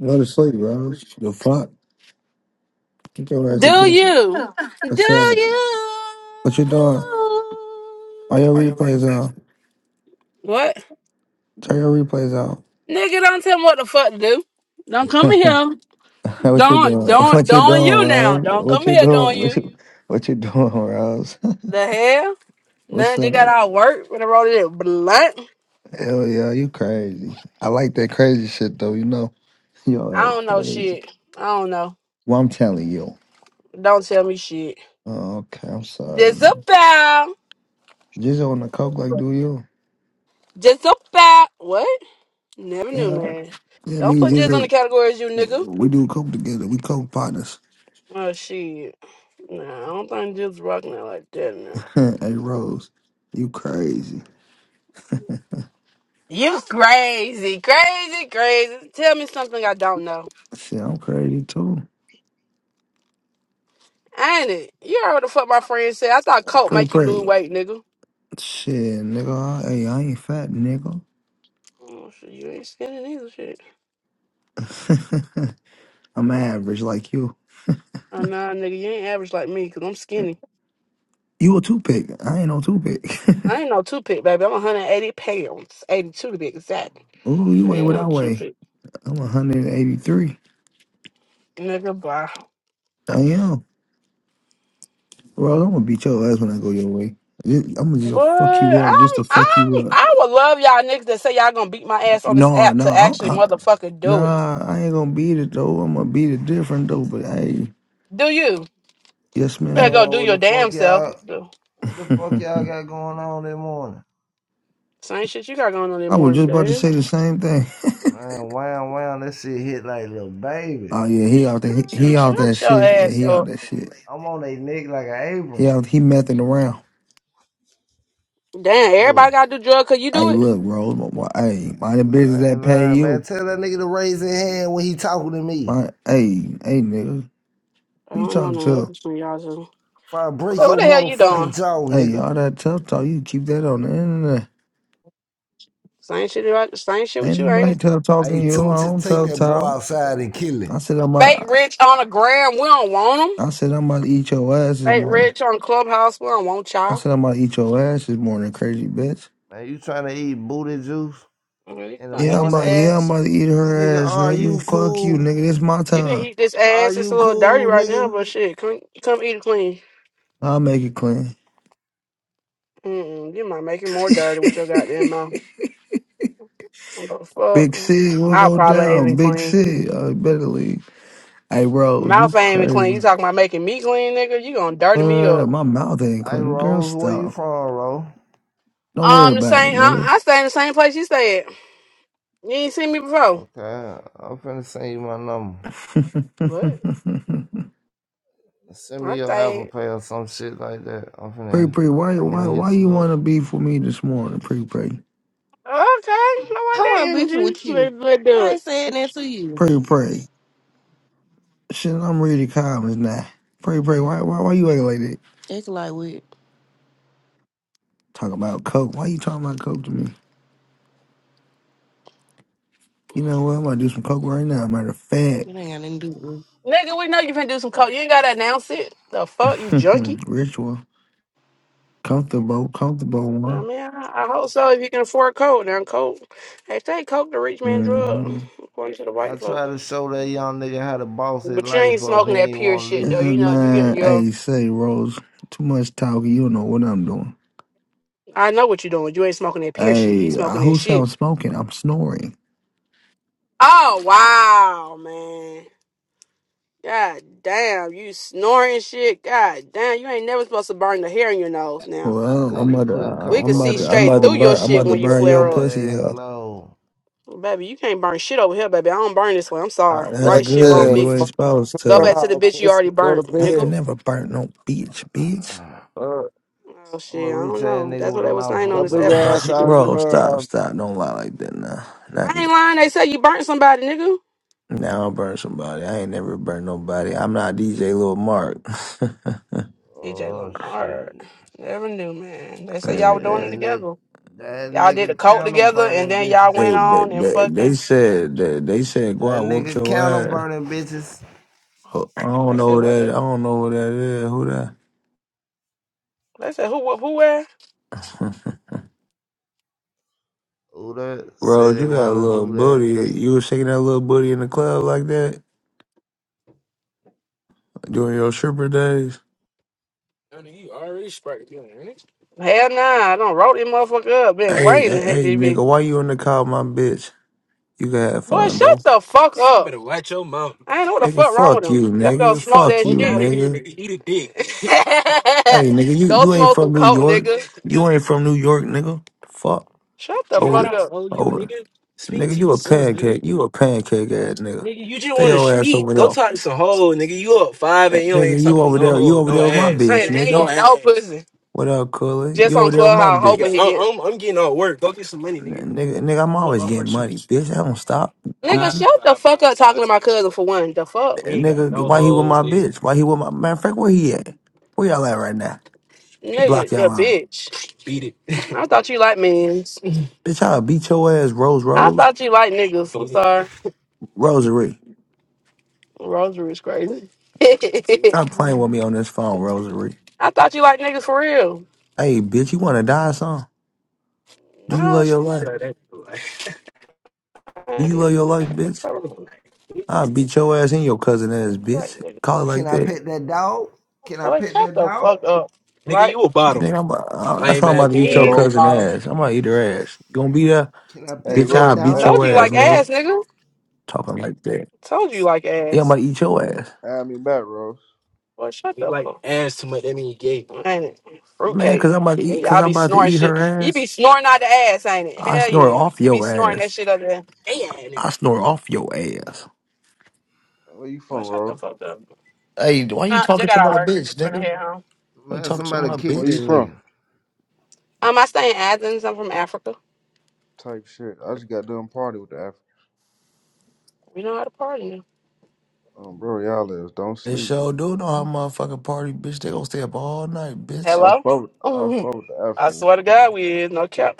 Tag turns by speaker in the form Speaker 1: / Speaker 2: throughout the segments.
Speaker 1: Go to sleep, bro. The fuck? Get your ass
Speaker 2: Do
Speaker 1: to bed.
Speaker 2: you? Do
Speaker 1: What's up?
Speaker 2: you?
Speaker 1: What you doing? Are your replays out?
Speaker 2: What?
Speaker 1: Turn your replays
Speaker 2: Nigga, don't tell me what the fuck to do. Don't come in
Speaker 1: out.
Speaker 2: here.
Speaker 1: what you
Speaker 2: Don't,
Speaker 1: doing?
Speaker 2: don't,
Speaker 1: What you
Speaker 2: don't
Speaker 1: doing,
Speaker 2: you now.
Speaker 1: Rose?
Speaker 2: Don't
Speaker 1: What
Speaker 2: come
Speaker 1: you
Speaker 2: in here,
Speaker 1: doing?
Speaker 2: don't
Speaker 1: What
Speaker 2: you.
Speaker 1: you, what you doing, Rose?
Speaker 2: The hell?
Speaker 1: What's
Speaker 2: None you got
Speaker 1: up?
Speaker 2: all work with a roll of that blunt.
Speaker 1: Hell yeah, you crazy. I like that crazy shit though, you know.
Speaker 2: I
Speaker 1: Yo, ass
Speaker 2: don't know
Speaker 1: crazy.
Speaker 2: shit. I don't know.
Speaker 1: Well, I'm telling you.
Speaker 2: Don't tell me shit.
Speaker 1: Oh, okay, I'm sorry.
Speaker 2: Just about.
Speaker 1: Jizzle on the coke like do you?
Speaker 2: Just about. What? Never knew,
Speaker 1: Yeah.
Speaker 2: man.
Speaker 1: Yeah, me
Speaker 2: Don't
Speaker 1: and
Speaker 2: put Jizz on the
Speaker 1: Jizzle,
Speaker 2: category you nigga.
Speaker 1: we do coke together. We coke partners.
Speaker 2: Oh shit. Nah, I don't think Jizz rocking it like that now.
Speaker 1: hey Rose, you crazy.
Speaker 2: You crazy, crazy, crazy. Tell me something I don't know.
Speaker 1: Shit, I'm crazy too.
Speaker 2: Ain't it? You heard what the fuck my friend said. I thought coke
Speaker 1: Pray,
Speaker 2: make you lose
Speaker 1: pray.
Speaker 2: weight, nigga.
Speaker 1: Shit, nigga. I- Hey, I ain't fat, nigga.
Speaker 2: Oh, shit, you ain't skinny either, shit.
Speaker 1: I'm
Speaker 2: Oh,
Speaker 1: average like you.
Speaker 2: nah, nigga, you ain't average like me, because I'm skinny.
Speaker 1: You a two pick. I ain't no two pick.
Speaker 2: I ain't no two-pick, baby. I'm 180 pounds. 82 to be exact.
Speaker 1: Ooh, you
Speaker 2: I
Speaker 1: weigh
Speaker 2: ain't
Speaker 1: what
Speaker 2: no
Speaker 1: I weigh.
Speaker 2: two-pick.
Speaker 1: I'm 183.
Speaker 2: Nigga, bye.
Speaker 1: I am. Rose, I'm gonna beat your ass when I go your way. I'm gonna just go
Speaker 2: But
Speaker 1: fuck you up just
Speaker 2: I'm,
Speaker 1: to fuck
Speaker 2: I'm,
Speaker 1: you up.
Speaker 2: I would love y'all niggas that say y'all gonna beat my ass on this
Speaker 1: No,
Speaker 2: app
Speaker 1: no,
Speaker 2: to
Speaker 1: I,
Speaker 2: actually
Speaker 1: I,
Speaker 2: motherfucking do it.
Speaker 1: nah, I ain't gonna beat it though. I'm gonna beat it different though. But hey,
Speaker 2: Do you?
Speaker 1: yes,
Speaker 2: Better
Speaker 1: ma'am.
Speaker 2: go
Speaker 3: Damn,
Speaker 2: do
Speaker 3: what
Speaker 2: your
Speaker 3: the
Speaker 2: damn
Speaker 3: fuck
Speaker 2: self.
Speaker 3: y'all what the fuck y'all got going on this morning?
Speaker 2: Same shit you got going on this
Speaker 1: I was
Speaker 2: morning,
Speaker 1: just about to
Speaker 2: damn.
Speaker 1: say the same thing.
Speaker 3: Man, wow, wow, that shit hit like little baby.
Speaker 1: Oh yeah, he out there. He,
Speaker 2: Boy,
Speaker 1: he out that
Speaker 2: shut your
Speaker 1: shit. Yeah,
Speaker 2: ass
Speaker 1: he out
Speaker 2: up.
Speaker 1: that shit.
Speaker 3: I'm on they neck like an
Speaker 1: He
Speaker 3: apron.
Speaker 1: out. He messing around.
Speaker 2: Damn, everybody
Speaker 3: So
Speaker 2: got to do drugs. cause you do
Speaker 1: Hey,
Speaker 2: it?
Speaker 1: look, bro. my- my- Hey, mind the business
Speaker 3: I ain't
Speaker 1: that pay
Speaker 3: lying, man.
Speaker 1: you.
Speaker 3: Tell that nigga to raise his hand when he talking to me.
Speaker 1: My, hey, hey, nigga,
Speaker 2: I
Speaker 1: who you
Speaker 2: don't know.
Speaker 1: talking
Speaker 2: No, that's
Speaker 1: to?
Speaker 2: between y'all two.
Speaker 3: If I
Speaker 2: Okay,
Speaker 3: break
Speaker 2: what
Speaker 3: your
Speaker 2: the hell you
Speaker 3: motherfucking
Speaker 2: doing?
Speaker 3: jaw,
Speaker 1: Hey,
Speaker 3: nigga.
Speaker 1: all that tough talk. You keep that on the internet.
Speaker 2: Same shit. about- Same shit with
Speaker 1: Ain't
Speaker 2: you, ain't
Speaker 1: nobody
Speaker 2: it?
Speaker 1: tough talking
Speaker 3: Hey,
Speaker 1: to you.
Speaker 3: don't
Speaker 1: I don't
Speaker 3: take
Speaker 1: tough
Speaker 3: that boy
Speaker 1: talk.
Speaker 3: outside and kill him.
Speaker 1: I said I'm
Speaker 2: Fake
Speaker 1: about.
Speaker 2: rich on the gram. We don't want them.
Speaker 1: I said I'm about to eat your ass this
Speaker 2: Fake
Speaker 1: morning.
Speaker 2: rich on Clubhouse. We don't want
Speaker 1: I
Speaker 2: y'all.
Speaker 1: said I'm about to eat your ass this morning, crazy bitch.
Speaker 3: Man, you trying to eat booty juice
Speaker 2: Okay, You
Speaker 3: in the
Speaker 2: gonna eat
Speaker 1: Yeah, I'm
Speaker 2: this
Speaker 1: about.
Speaker 3: morning?
Speaker 1: Yeah, I'm
Speaker 2: ass?
Speaker 1: about to eat
Speaker 3: Nigga,
Speaker 1: her ass,
Speaker 3: are
Speaker 1: nigga.
Speaker 3: you
Speaker 1: Fuck you,
Speaker 3: cool?
Speaker 1: nigga. This my
Speaker 2: You can
Speaker 1: time.
Speaker 2: eat this
Speaker 3: Are
Speaker 2: ass. It's
Speaker 3: you
Speaker 2: a little dirty
Speaker 3: cool,
Speaker 2: right now,
Speaker 3: nigga?
Speaker 2: but shit, come come eat it clean.
Speaker 1: I'll make it clean.
Speaker 2: Mm-mm, you might make it more dirty with your goddamn mouth. What the
Speaker 1: Big C,
Speaker 2: fuck?
Speaker 1: we'll
Speaker 2: My
Speaker 1: go
Speaker 2: probably ain't
Speaker 1: down.
Speaker 2: even
Speaker 1: Big
Speaker 2: clean.
Speaker 1: C, I better leave. Hey, Rose,
Speaker 2: Mouth
Speaker 1: you
Speaker 2: ain't even clean. You
Speaker 1: crazy.
Speaker 2: talking about making me clean, nigga? You gonna dirty me
Speaker 1: What?
Speaker 2: up?
Speaker 1: My mouth ain't
Speaker 3: Hey,
Speaker 1: clean. Girl,
Speaker 3: Rose, where you
Speaker 1: stop.
Speaker 3: from, Rose?
Speaker 1: Don't worry
Speaker 2: Um, the
Speaker 1: about it,
Speaker 2: same. I,
Speaker 1: nigga.
Speaker 2: I stay in the same place you stay at. You ain't seen me before.
Speaker 3: Okay, I'm finna send you my number.
Speaker 2: What?
Speaker 3: Send me
Speaker 2: I
Speaker 3: your Apple
Speaker 2: stayed.
Speaker 3: Pay or some shit like that. I'm
Speaker 1: Pray,
Speaker 3: finna,
Speaker 1: pray. Why,
Speaker 3: I'm
Speaker 1: why,
Speaker 3: gonna
Speaker 1: why
Speaker 3: hit
Speaker 1: you
Speaker 3: you
Speaker 1: want
Speaker 3: up.
Speaker 1: to be for me this morning? Pray, pray.
Speaker 2: Okay, I like
Speaker 4: How
Speaker 2: that
Speaker 4: I'm beefing
Speaker 2: energy.
Speaker 4: with you?
Speaker 2: Let let do
Speaker 4: I ain't
Speaker 2: it,
Speaker 4: saying that to you.
Speaker 1: Pray, pray. Shit, I'm ready to calm as now. Pray, pray. Why, why, why you acting like that?
Speaker 4: Act like what? It
Speaker 1: Talk about coke. Why you talking about coke to me? You know what? I'm gonna do some coke right now. Matter of fact,
Speaker 4: ain't got nothing to do with. me.
Speaker 2: nigga. We know you finna do some coke. You ain't gotta announce it. The fuck, you junkie.
Speaker 1: ritual. Comfortable, comfortable
Speaker 2: I
Speaker 1: one.
Speaker 2: mean, I, I hope so. If you can afford coke, now coke. They say coke the rich man drug,
Speaker 1: Mm-hmm.
Speaker 2: according to the
Speaker 3: I
Speaker 2: white folk.
Speaker 3: try to show that young nigga how to boss his
Speaker 2: But you
Speaker 3: life
Speaker 2: ain't
Speaker 3: up. He
Speaker 2: smoking that
Speaker 3: ain't
Speaker 2: pure
Speaker 3: want to
Speaker 2: shit though.
Speaker 3: listen.
Speaker 1: Uh,
Speaker 2: You know you
Speaker 1: man,
Speaker 2: getting your.
Speaker 1: hey, say Rose, too much talking. You don't know what I'm doing.
Speaker 2: I know what you doing. You ain't smoking that pure shit. You
Speaker 1: Hey, uh,
Speaker 2: smoking that
Speaker 1: who
Speaker 2: shit.
Speaker 1: sounds smoking? I'm snoring.
Speaker 2: Oh wow, man. God damn, you snoring shit. God damn, you ain't never supposed to burn the hair in your nose now.
Speaker 3: That
Speaker 1: Well, I'm
Speaker 3: nigga
Speaker 1: about to,
Speaker 3: putting
Speaker 2: We
Speaker 1: uh,
Speaker 3: coke
Speaker 2: can
Speaker 1: I'm
Speaker 3: up
Speaker 2: see
Speaker 1: about
Speaker 3: his
Speaker 1: to, I'm
Speaker 2: straight
Speaker 1: about to
Speaker 2: through your
Speaker 1: burn,
Speaker 3: nose
Speaker 1: I'm
Speaker 3: with
Speaker 2: shit
Speaker 1: about to
Speaker 2: when
Speaker 3: them
Speaker 2: you
Speaker 1: burn your
Speaker 2: flare up.
Speaker 1: pussy
Speaker 3: dirty ass
Speaker 1: up.
Speaker 3: clothes.
Speaker 2: Baby, you can't burn shit over here, baby. I don't burn this way. I'm sorry.
Speaker 1: Uh, that's
Speaker 5: Hell
Speaker 2: Right shit, wrong
Speaker 1: good.
Speaker 5: yeah,
Speaker 1: You ain't
Speaker 2: bitch.
Speaker 5: fuck out
Speaker 1: supposed
Speaker 2: Go back
Speaker 1: to.
Speaker 2: to the
Speaker 5: Clubhouse.
Speaker 2: bitch you
Speaker 5: Let's
Speaker 2: already
Speaker 5: go to
Speaker 2: burnt,
Speaker 1: I ain't
Speaker 5: bed.
Speaker 2: nigga.
Speaker 1: never burnt no bitch, bitch.
Speaker 3: I'm
Speaker 5: Uh,
Speaker 2: Oh
Speaker 3: a
Speaker 2: shit, I
Speaker 3: rich
Speaker 2: don't
Speaker 3: ass
Speaker 2: know.
Speaker 3: nigga
Speaker 2: That's what
Speaker 3: with a
Speaker 2: they was saying
Speaker 3: mouthful
Speaker 2: on
Speaker 5: your
Speaker 3: of
Speaker 2: this
Speaker 5: big
Speaker 2: app
Speaker 3: gold.
Speaker 2: about
Speaker 5: ass
Speaker 2: you, do
Speaker 5: out
Speaker 2: you?
Speaker 1: Rose,
Speaker 5: Clubhouse.
Speaker 1: stop, stop. Don't lie like that now. Not
Speaker 2: I ain't lying, they say you burnt somebody, nigga.
Speaker 1: now. I burn somebody. I ain't never burnt nobody. I'm not DJ Lil Mark.
Speaker 2: DJ
Speaker 3: Oh shit.
Speaker 2: Lamar. Never knew, man. They say y'all were doing
Speaker 3: That
Speaker 2: it
Speaker 3: nigga,
Speaker 2: together.
Speaker 3: that
Speaker 2: Y'all did a
Speaker 3: nigga
Speaker 2: coat
Speaker 3: candle
Speaker 2: together, and
Speaker 3: burning
Speaker 2: then y'all
Speaker 3: bitches.
Speaker 2: went
Speaker 1: They they
Speaker 2: on and
Speaker 1: they, they
Speaker 2: fucking.
Speaker 1: said they, they said go
Speaker 3: That
Speaker 1: out whoop
Speaker 3: nigga
Speaker 1: your
Speaker 3: candle
Speaker 1: ass.
Speaker 3: burning bitches.
Speaker 1: Ho- I don't
Speaker 2: They
Speaker 1: know
Speaker 2: said
Speaker 1: who
Speaker 2: what?
Speaker 1: that.
Speaker 2: nigga?
Speaker 1: I don't know what that is. Who that?
Speaker 2: They said who? Who? who where?
Speaker 3: Who that say
Speaker 1: Rose, you
Speaker 3: they
Speaker 1: got a
Speaker 3: wanna
Speaker 1: little
Speaker 3: do that?
Speaker 1: booty. You was shaking that little booty in the club like that during your stripper days.
Speaker 2: Honey, you already sprayed you ain't it? Hell nah, I don't wrote this motherfucker up. Been
Speaker 1: Hey,
Speaker 2: waiting to
Speaker 1: hey,
Speaker 2: hit
Speaker 1: hey,
Speaker 2: this bitch.
Speaker 1: nigga, why you in the car, with my bitch? You can have
Speaker 2: Boy,
Speaker 1: fun
Speaker 2: shut
Speaker 1: though,
Speaker 2: the fuck You You up. better watch your mouth. I ain't know what the
Speaker 1: nigga.
Speaker 2: fuck wrong with
Speaker 1: Fuck
Speaker 2: him.
Speaker 1: you,
Speaker 2: That go Get the
Speaker 1: nigga.
Speaker 2: smoke
Speaker 1: Fuck
Speaker 2: that fuck
Speaker 1: you,
Speaker 2: shit. out of shit. here,
Speaker 1: nigga.
Speaker 2: nigga. Eat a
Speaker 1: Hey,
Speaker 2: dick.
Speaker 1: nigga, you
Speaker 2: go
Speaker 1: you ain't
Speaker 2: smoke
Speaker 1: from
Speaker 2: some
Speaker 1: New
Speaker 2: coke,
Speaker 1: York.
Speaker 2: nigga.
Speaker 1: You ain't from New York, nigga. Fuck
Speaker 2: Shut the nigga, I
Speaker 1: over
Speaker 2: fuck
Speaker 1: there,
Speaker 2: don't up. owe you,
Speaker 1: over.
Speaker 2: nigga. Speak
Speaker 1: Nigga,
Speaker 2: to
Speaker 1: you a
Speaker 2: yourself, nigga.
Speaker 1: pancake. You a pancake ass nigga.
Speaker 2: Nigga, you just
Speaker 1: Stay
Speaker 2: want to
Speaker 1: your ass
Speaker 2: speak.
Speaker 1: over
Speaker 2: Go
Speaker 1: there.
Speaker 2: talk to some hoe, nigga. You up five
Speaker 1: N-
Speaker 2: and you ain't
Speaker 1: Nigga, you
Speaker 2: talking to
Speaker 1: over
Speaker 2: no
Speaker 1: there. You
Speaker 2: hoe,
Speaker 1: over
Speaker 2: no
Speaker 1: there with my
Speaker 2: ass, Hey,
Speaker 1: bitch,
Speaker 2: nigga, no
Speaker 1: nigga.
Speaker 2: ain't no no ass. pussy.
Speaker 1: What up, Cooley?
Speaker 2: Just
Speaker 1: You over
Speaker 2: on
Speaker 1: there with my
Speaker 2: Clubhouse Nigga, hoping he
Speaker 1: bitch.
Speaker 2: get. I'm, I'm, I'm getting all work. Go get some money, nigga.
Speaker 1: N- Nigga, nigga, I'm
Speaker 2: What
Speaker 1: always
Speaker 2: up
Speaker 1: getting
Speaker 2: with you?
Speaker 1: money, bitch. I don't stop,
Speaker 2: Nigga, Blah, shut
Speaker 1: goofy.
Speaker 2: the blah, fuck up talking to my cousin for one. The fuck? We
Speaker 1: N-
Speaker 2: ain't got
Speaker 1: Nigga,
Speaker 2: no
Speaker 1: why he with
Speaker 2: hoes,
Speaker 1: my
Speaker 2: nigga.
Speaker 1: bitch? Why he with my man? Frank, where he at? Where y'all at right now?
Speaker 2: Beat
Speaker 1: Block
Speaker 2: it, Nigga, you're
Speaker 1: y'all
Speaker 2: a
Speaker 1: out,
Speaker 2: bitch. beat it, I it. thought you liked men.
Speaker 1: bitch. I'll beat your ass, Rose,
Speaker 2: I
Speaker 1: Rose,
Speaker 2: thought you liked niggas. I'm
Speaker 1: Rosary.
Speaker 2: sorry. Rosary is crazy.
Speaker 1: Stop
Speaker 2: I
Speaker 1: playing with
Speaker 3: Mm.
Speaker 1: me on this phone, Rosary.
Speaker 2: thought you liked niggas for real.
Speaker 1: Hey, bitch, you wanna die, son? Do you
Speaker 2: Nah,
Speaker 1: love your
Speaker 2: shit.
Speaker 1: life?
Speaker 2: Yeah, that's
Speaker 1: Do you
Speaker 2: the
Speaker 1: love your life, bitch?
Speaker 2: I was like,
Speaker 1: I'll
Speaker 2: Jesus.
Speaker 1: beat your ass and your cousin ass,
Speaker 2: Like,
Speaker 1: bitch.
Speaker 2: nigga,
Speaker 1: Call it
Speaker 3: Can
Speaker 1: like
Speaker 3: I
Speaker 1: that.
Speaker 3: pet that dog? Can I
Speaker 2: Boy,
Speaker 3: pet
Speaker 2: shut
Speaker 3: that
Speaker 2: the
Speaker 3: dog?
Speaker 2: fuck up. Nigga, Right? you a bottom.
Speaker 1: Nigga, I'm about, I- that's
Speaker 2: Lame
Speaker 1: why I'm
Speaker 2: ass
Speaker 1: about to
Speaker 2: He
Speaker 1: eat your
Speaker 2: is
Speaker 6: Yo.
Speaker 2: the
Speaker 1: cousin
Speaker 2: bottom.
Speaker 1: ass. I'm about to eat her ass. You gonna be there?
Speaker 3: Can I
Speaker 6: Hey,
Speaker 3: pet
Speaker 1: Bitch,
Speaker 3: that
Speaker 1: I'll
Speaker 6: Rose,
Speaker 2: I
Speaker 1: beat
Speaker 6: add
Speaker 3: dog?
Speaker 2: told
Speaker 6: me
Speaker 1: your
Speaker 2: you you
Speaker 1: ass,
Speaker 6: back,
Speaker 2: like
Speaker 6: Rose.
Speaker 1: nigga.
Speaker 2: ass, nigga.
Speaker 1: Talking like that.
Speaker 2: I told you you like
Speaker 1: Yeah, I'm about
Speaker 2: ass.
Speaker 1: to eat your ass.
Speaker 6: Add me back, Rose.
Speaker 2: Boy, shut You the like fuck ass too much. That mean you gay. Ain't it?
Speaker 1: Man,
Speaker 2: Fruitcake.
Speaker 1: cause I'm about to eat,
Speaker 2: Gay
Speaker 1: cause
Speaker 2: Y'all
Speaker 1: I'm
Speaker 2: be ass.
Speaker 1: about to
Speaker 2: snoring
Speaker 1: eat her
Speaker 2: shit. You be
Speaker 1: ass.
Speaker 2: snoring out the ass, ain't it?
Speaker 1: I
Speaker 2: Hell
Speaker 1: snore
Speaker 2: yeah.
Speaker 1: off
Speaker 2: You be
Speaker 1: your
Speaker 2: snoring that
Speaker 1: ass.
Speaker 2: shit up there. Yeah,
Speaker 1: I
Speaker 2: nigga.
Speaker 1: snore off your ass.
Speaker 6: Where you
Speaker 2: Boy,
Speaker 6: from,
Speaker 2: shut the
Speaker 6: Rose?
Speaker 2: fuck up.
Speaker 1: Hey, why you
Speaker 2: Uh, just got
Speaker 1: talking to
Speaker 2: out of
Speaker 1: my
Speaker 2: work.
Speaker 1: bitch,
Speaker 2: I'm finna
Speaker 1: nigga?
Speaker 2: head home.
Speaker 1: Why you
Speaker 3: Man,
Speaker 1: talking to
Speaker 3: somebody
Speaker 1: my
Speaker 3: kick
Speaker 6: Where you
Speaker 3: that
Speaker 1: bitch?
Speaker 6: from?
Speaker 3: nigga.
Speaker 2: Um, I stay in Athens. I'm from Africa.
Speaker 6: Type shit. I just got done party with the African.
Speaker 2: We know how to party. now.
Speaker 6: Um, bro, y'all is don't
Speaker 1: They
Speaker 6: sleep.
Speaker 1: sure do know how motherfucking party, bitch. They gonna stay up all night, bitch.
Speaker 6: I fuck with, I
Speaker 2: Hello?
Speaker 6: fuck with the
Speaker 2: I
Speaker 6: Africans.
Speaker 2: swear to God, we is. No cap.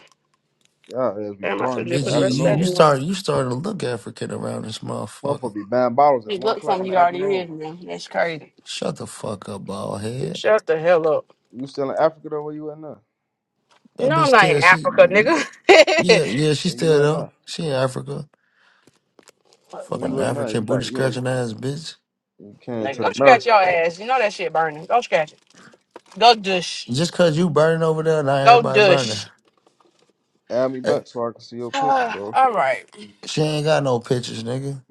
Speaker 6: Y'all is be
Speaker 2: Damn, I should have
Speaker 6: partying to
Speaker 2: just
Speaker 6: the
Speaker 1: Bitch,
Speaker 2: put the
Speaker 1: you
Speaker 2: rest of
Speaker 1: you,
Speaker 2: that
Speaker 1: you
Speaker 6: afternoon.
Speaker 2: in.
Speaker 1: start you
Speaker 2: You
Speaker 1: starting to look African around this motherfucker.
Speaker 6: Motherfucker be buying bottles at 1
Speaker 2: look
Speaker 6: o'clock in
Speaker 2: something
Speaker 6: the
Speaker 2: you already
Speaker 6: afternoon.
Speaker 2: is now. That's crazy.
Speaker 1: Shut the fuck up, bald
Speaker 2: You
Speaker 1: head.
Speaker 2: Shut the hell up.
Speaker 6: You still in Africa, though? Where you at now?
Speaker 1: That
Speaker 2: No,
Speaker 1: bitch
Speaker 2: I'm not
Speaker 1: still
Speaker 2: in
Speaker 1: she
Speaker 2: Africa,
Speaker 1: yeah,
Speaker 2: nigga.
Speaker 1: yeah, she
Speaker 6: Where you
Speaker 1: still
Speaker 6: at
Speaker 1: there.
Speaker 6: now?
Speaker 1: She in Africa.
Speaker 2: Fuck,
Speaker 6: Where
Speaker 1: Fucking
Speaker 6: you at
Speaker 2: fuck.
Speaker 6: now? You
Speaker 1: African
Speaker 6: back.
Speaker 1: booty
Speaker 6: You in it.
Speaker 1: scratching ass bitch.
Speaker 6: You came
Speaker 2: nigga,
Speaker 6: to the
Speaker 2: go scratch
Speaker 6: America.
Speaker 2: your ass. You know that shit burning. Go scratch it. Go dush.
Speaker 1: Just cause you burning over there, not
Speaker 2: Go
Speaker 1: everybody burning.
Speaker 2: dush.
Speaker 6: Add me
Speaker 1: Hey,
Speaker 6: back so I can see your pictures,
Speaker 2: Ah,
Speaker 6: bro.
Speaker 2: all right.
Speaker 1: she ain't got no pictures, nigga.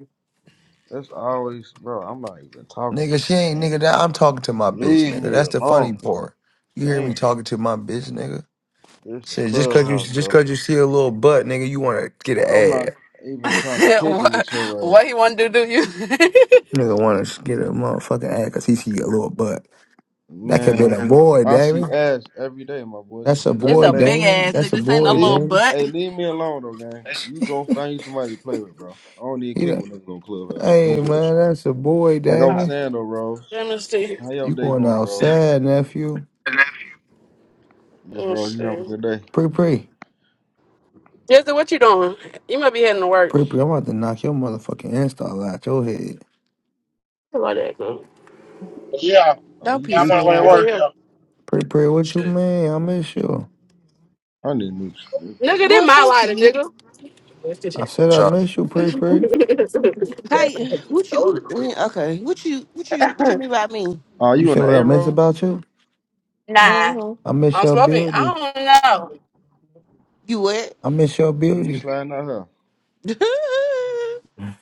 Speaker 6: That's always, bro, I'm not even talking to
Speaker 1: Nigga, she
Speaker 6: you,
Speaker 1: ain't
Speaker 6: man.
Speaker 1: nigga that I'm talking to my bitch,
Speaker 6: Leave
Speaker 1: nigga. That's
Speaker 6: me
Speaker 1: the
Speaker 6: alone.
Speaker 1: funny part. You hear me
Speaker 6: Damn,
Speaker 1: talking to my bitch, nigga?
Speaker 6: this is
Speaker 1: Shit, just cause you
Speaker 6: clubhouse,
Speaker 1: just
Speaker 6: bro.
Speaker 1: cause you see a little butt, nigga, you wanna get an
Speaker 6: I'm not
Speaker 1: ad.
Speaker 6: even trying to kick it with
Speaker 2: what,
Speaker 6: your ass,
Speaker 2: what he want to do to you?
Speaker 1: Nigga wanna get a motherfucking ad cause he see a little butt. That could be
Speaker 6: man.
Speaker 1: a boy,
Speaker 6: I
Speaker 1: David.
Speaker 6: see ass every day, my boy. This
Speaker 1: That's
Speaker 6: is
Speaker 1: a
Speaker 2: it's
Speaker 6: nothing
Speaker 1: boy,
Speaker 2: a
Speaker 6: major.
Speaker 2: big
Speaker 1: Damon.
Speaker 2: ass
Speaker 1: That's
Speaker 2: nigga.
Speaker 1: a
Speaker 2: This ain't no
Speaker 1: boy,
Speaker 6: Leave,
Speaker 2: little
Speaker 1: Jamie.
Speaker 2: butt.
Speaker 6: hey, leave me alone, though, gang. You go find you somebody to play with, bro. I don't need
Speaker 1: He
Speaker 6: to kick it
Speaker 1: done,
Speaker 6: with niggas on clubhouse. No
Speaker 1: hey
Speaker 6: bullshit.
Speaker 1: man, that's a boy,
Speaker 6: Like I
Speaker 2: All
Speaker 6: was
Speaker 1: Damon.
Speaker 2: right,
Speaker 6: saying though, Rose.
Speaker 2: let me see.
Speaker 6: How your
Speaker 1: You
Speaker 6: day
Speaker 1: going
Speaker 6: going, Rose?
Speaker 1: outside, nephew.
Speaker 6: Miss
Speaker 2: Let me
Speaker 6: Rose, you having a
Speaker 2: see.
Speaker 6: good day?
Speaker 1: Pre pre.
Speaker 2: Jesse, what you doing? You might be heading to work.
Speaker 1: Pre pre, I'm about to knock your motherfucking install out your head.
Speaker 2: How that, girl?
Speaker 7: Yeah,
Speaker 6: Are
Speaker 4: Don't
Speaker 6: you
Speaker 7: yeah, I'm
Speaker 4: piss
Speaker 7: on the
Speaker 4: me
Speaker 6: grateful?
Speaker 7: way to
Speaker 2: It's
Speaker 7: work.
Speaker 4: off,
Speaker 2: in
Speaker 7: Yeah,
Speaker 1: Pre pre, what you
Speaker 2: here.
Speaker 1: mean? I miss you.
Speaker 6: I need new shit,
Speaker 2: Nigga,
Speaker 6: broken.
Speaker 2: they
Speaker 4: boy.
Speaker 2: my
Speaker 4: Fuck
Speaker 2: lighter,
Speaker 4: you.
Speaker 2: nigga.
Speaker 1: I said I
Speaker 8: Charlie.
Speaker 1: miss you, pre pre.
Speaker 4: Hey, what you? mm, Okay, what you? What you? What you do about me?
Speaker 6: Are
Speaker 1: You
Speaker 6: you in
Speaker 1: said
Speaker 6: the
Speaker 1: what I
Speaker 6: A,
Speaker 1: miss
Speaker 6: Rose?
Speaker 1: about you?
Speaker 2: Nah.
Speaker 4: Mm-hmm.
Speaker 1: I miss
Speaker 2: I'm
Speaker 1: your
Speaker 2: smoking. I
Speaker 1: beauty.
Speaker 2: don't
Speaker 4: You what?
Speaker 1: I miss your
Speaker 6: When you
Speaker 1: beauty.
Speaker 6: sliding out here?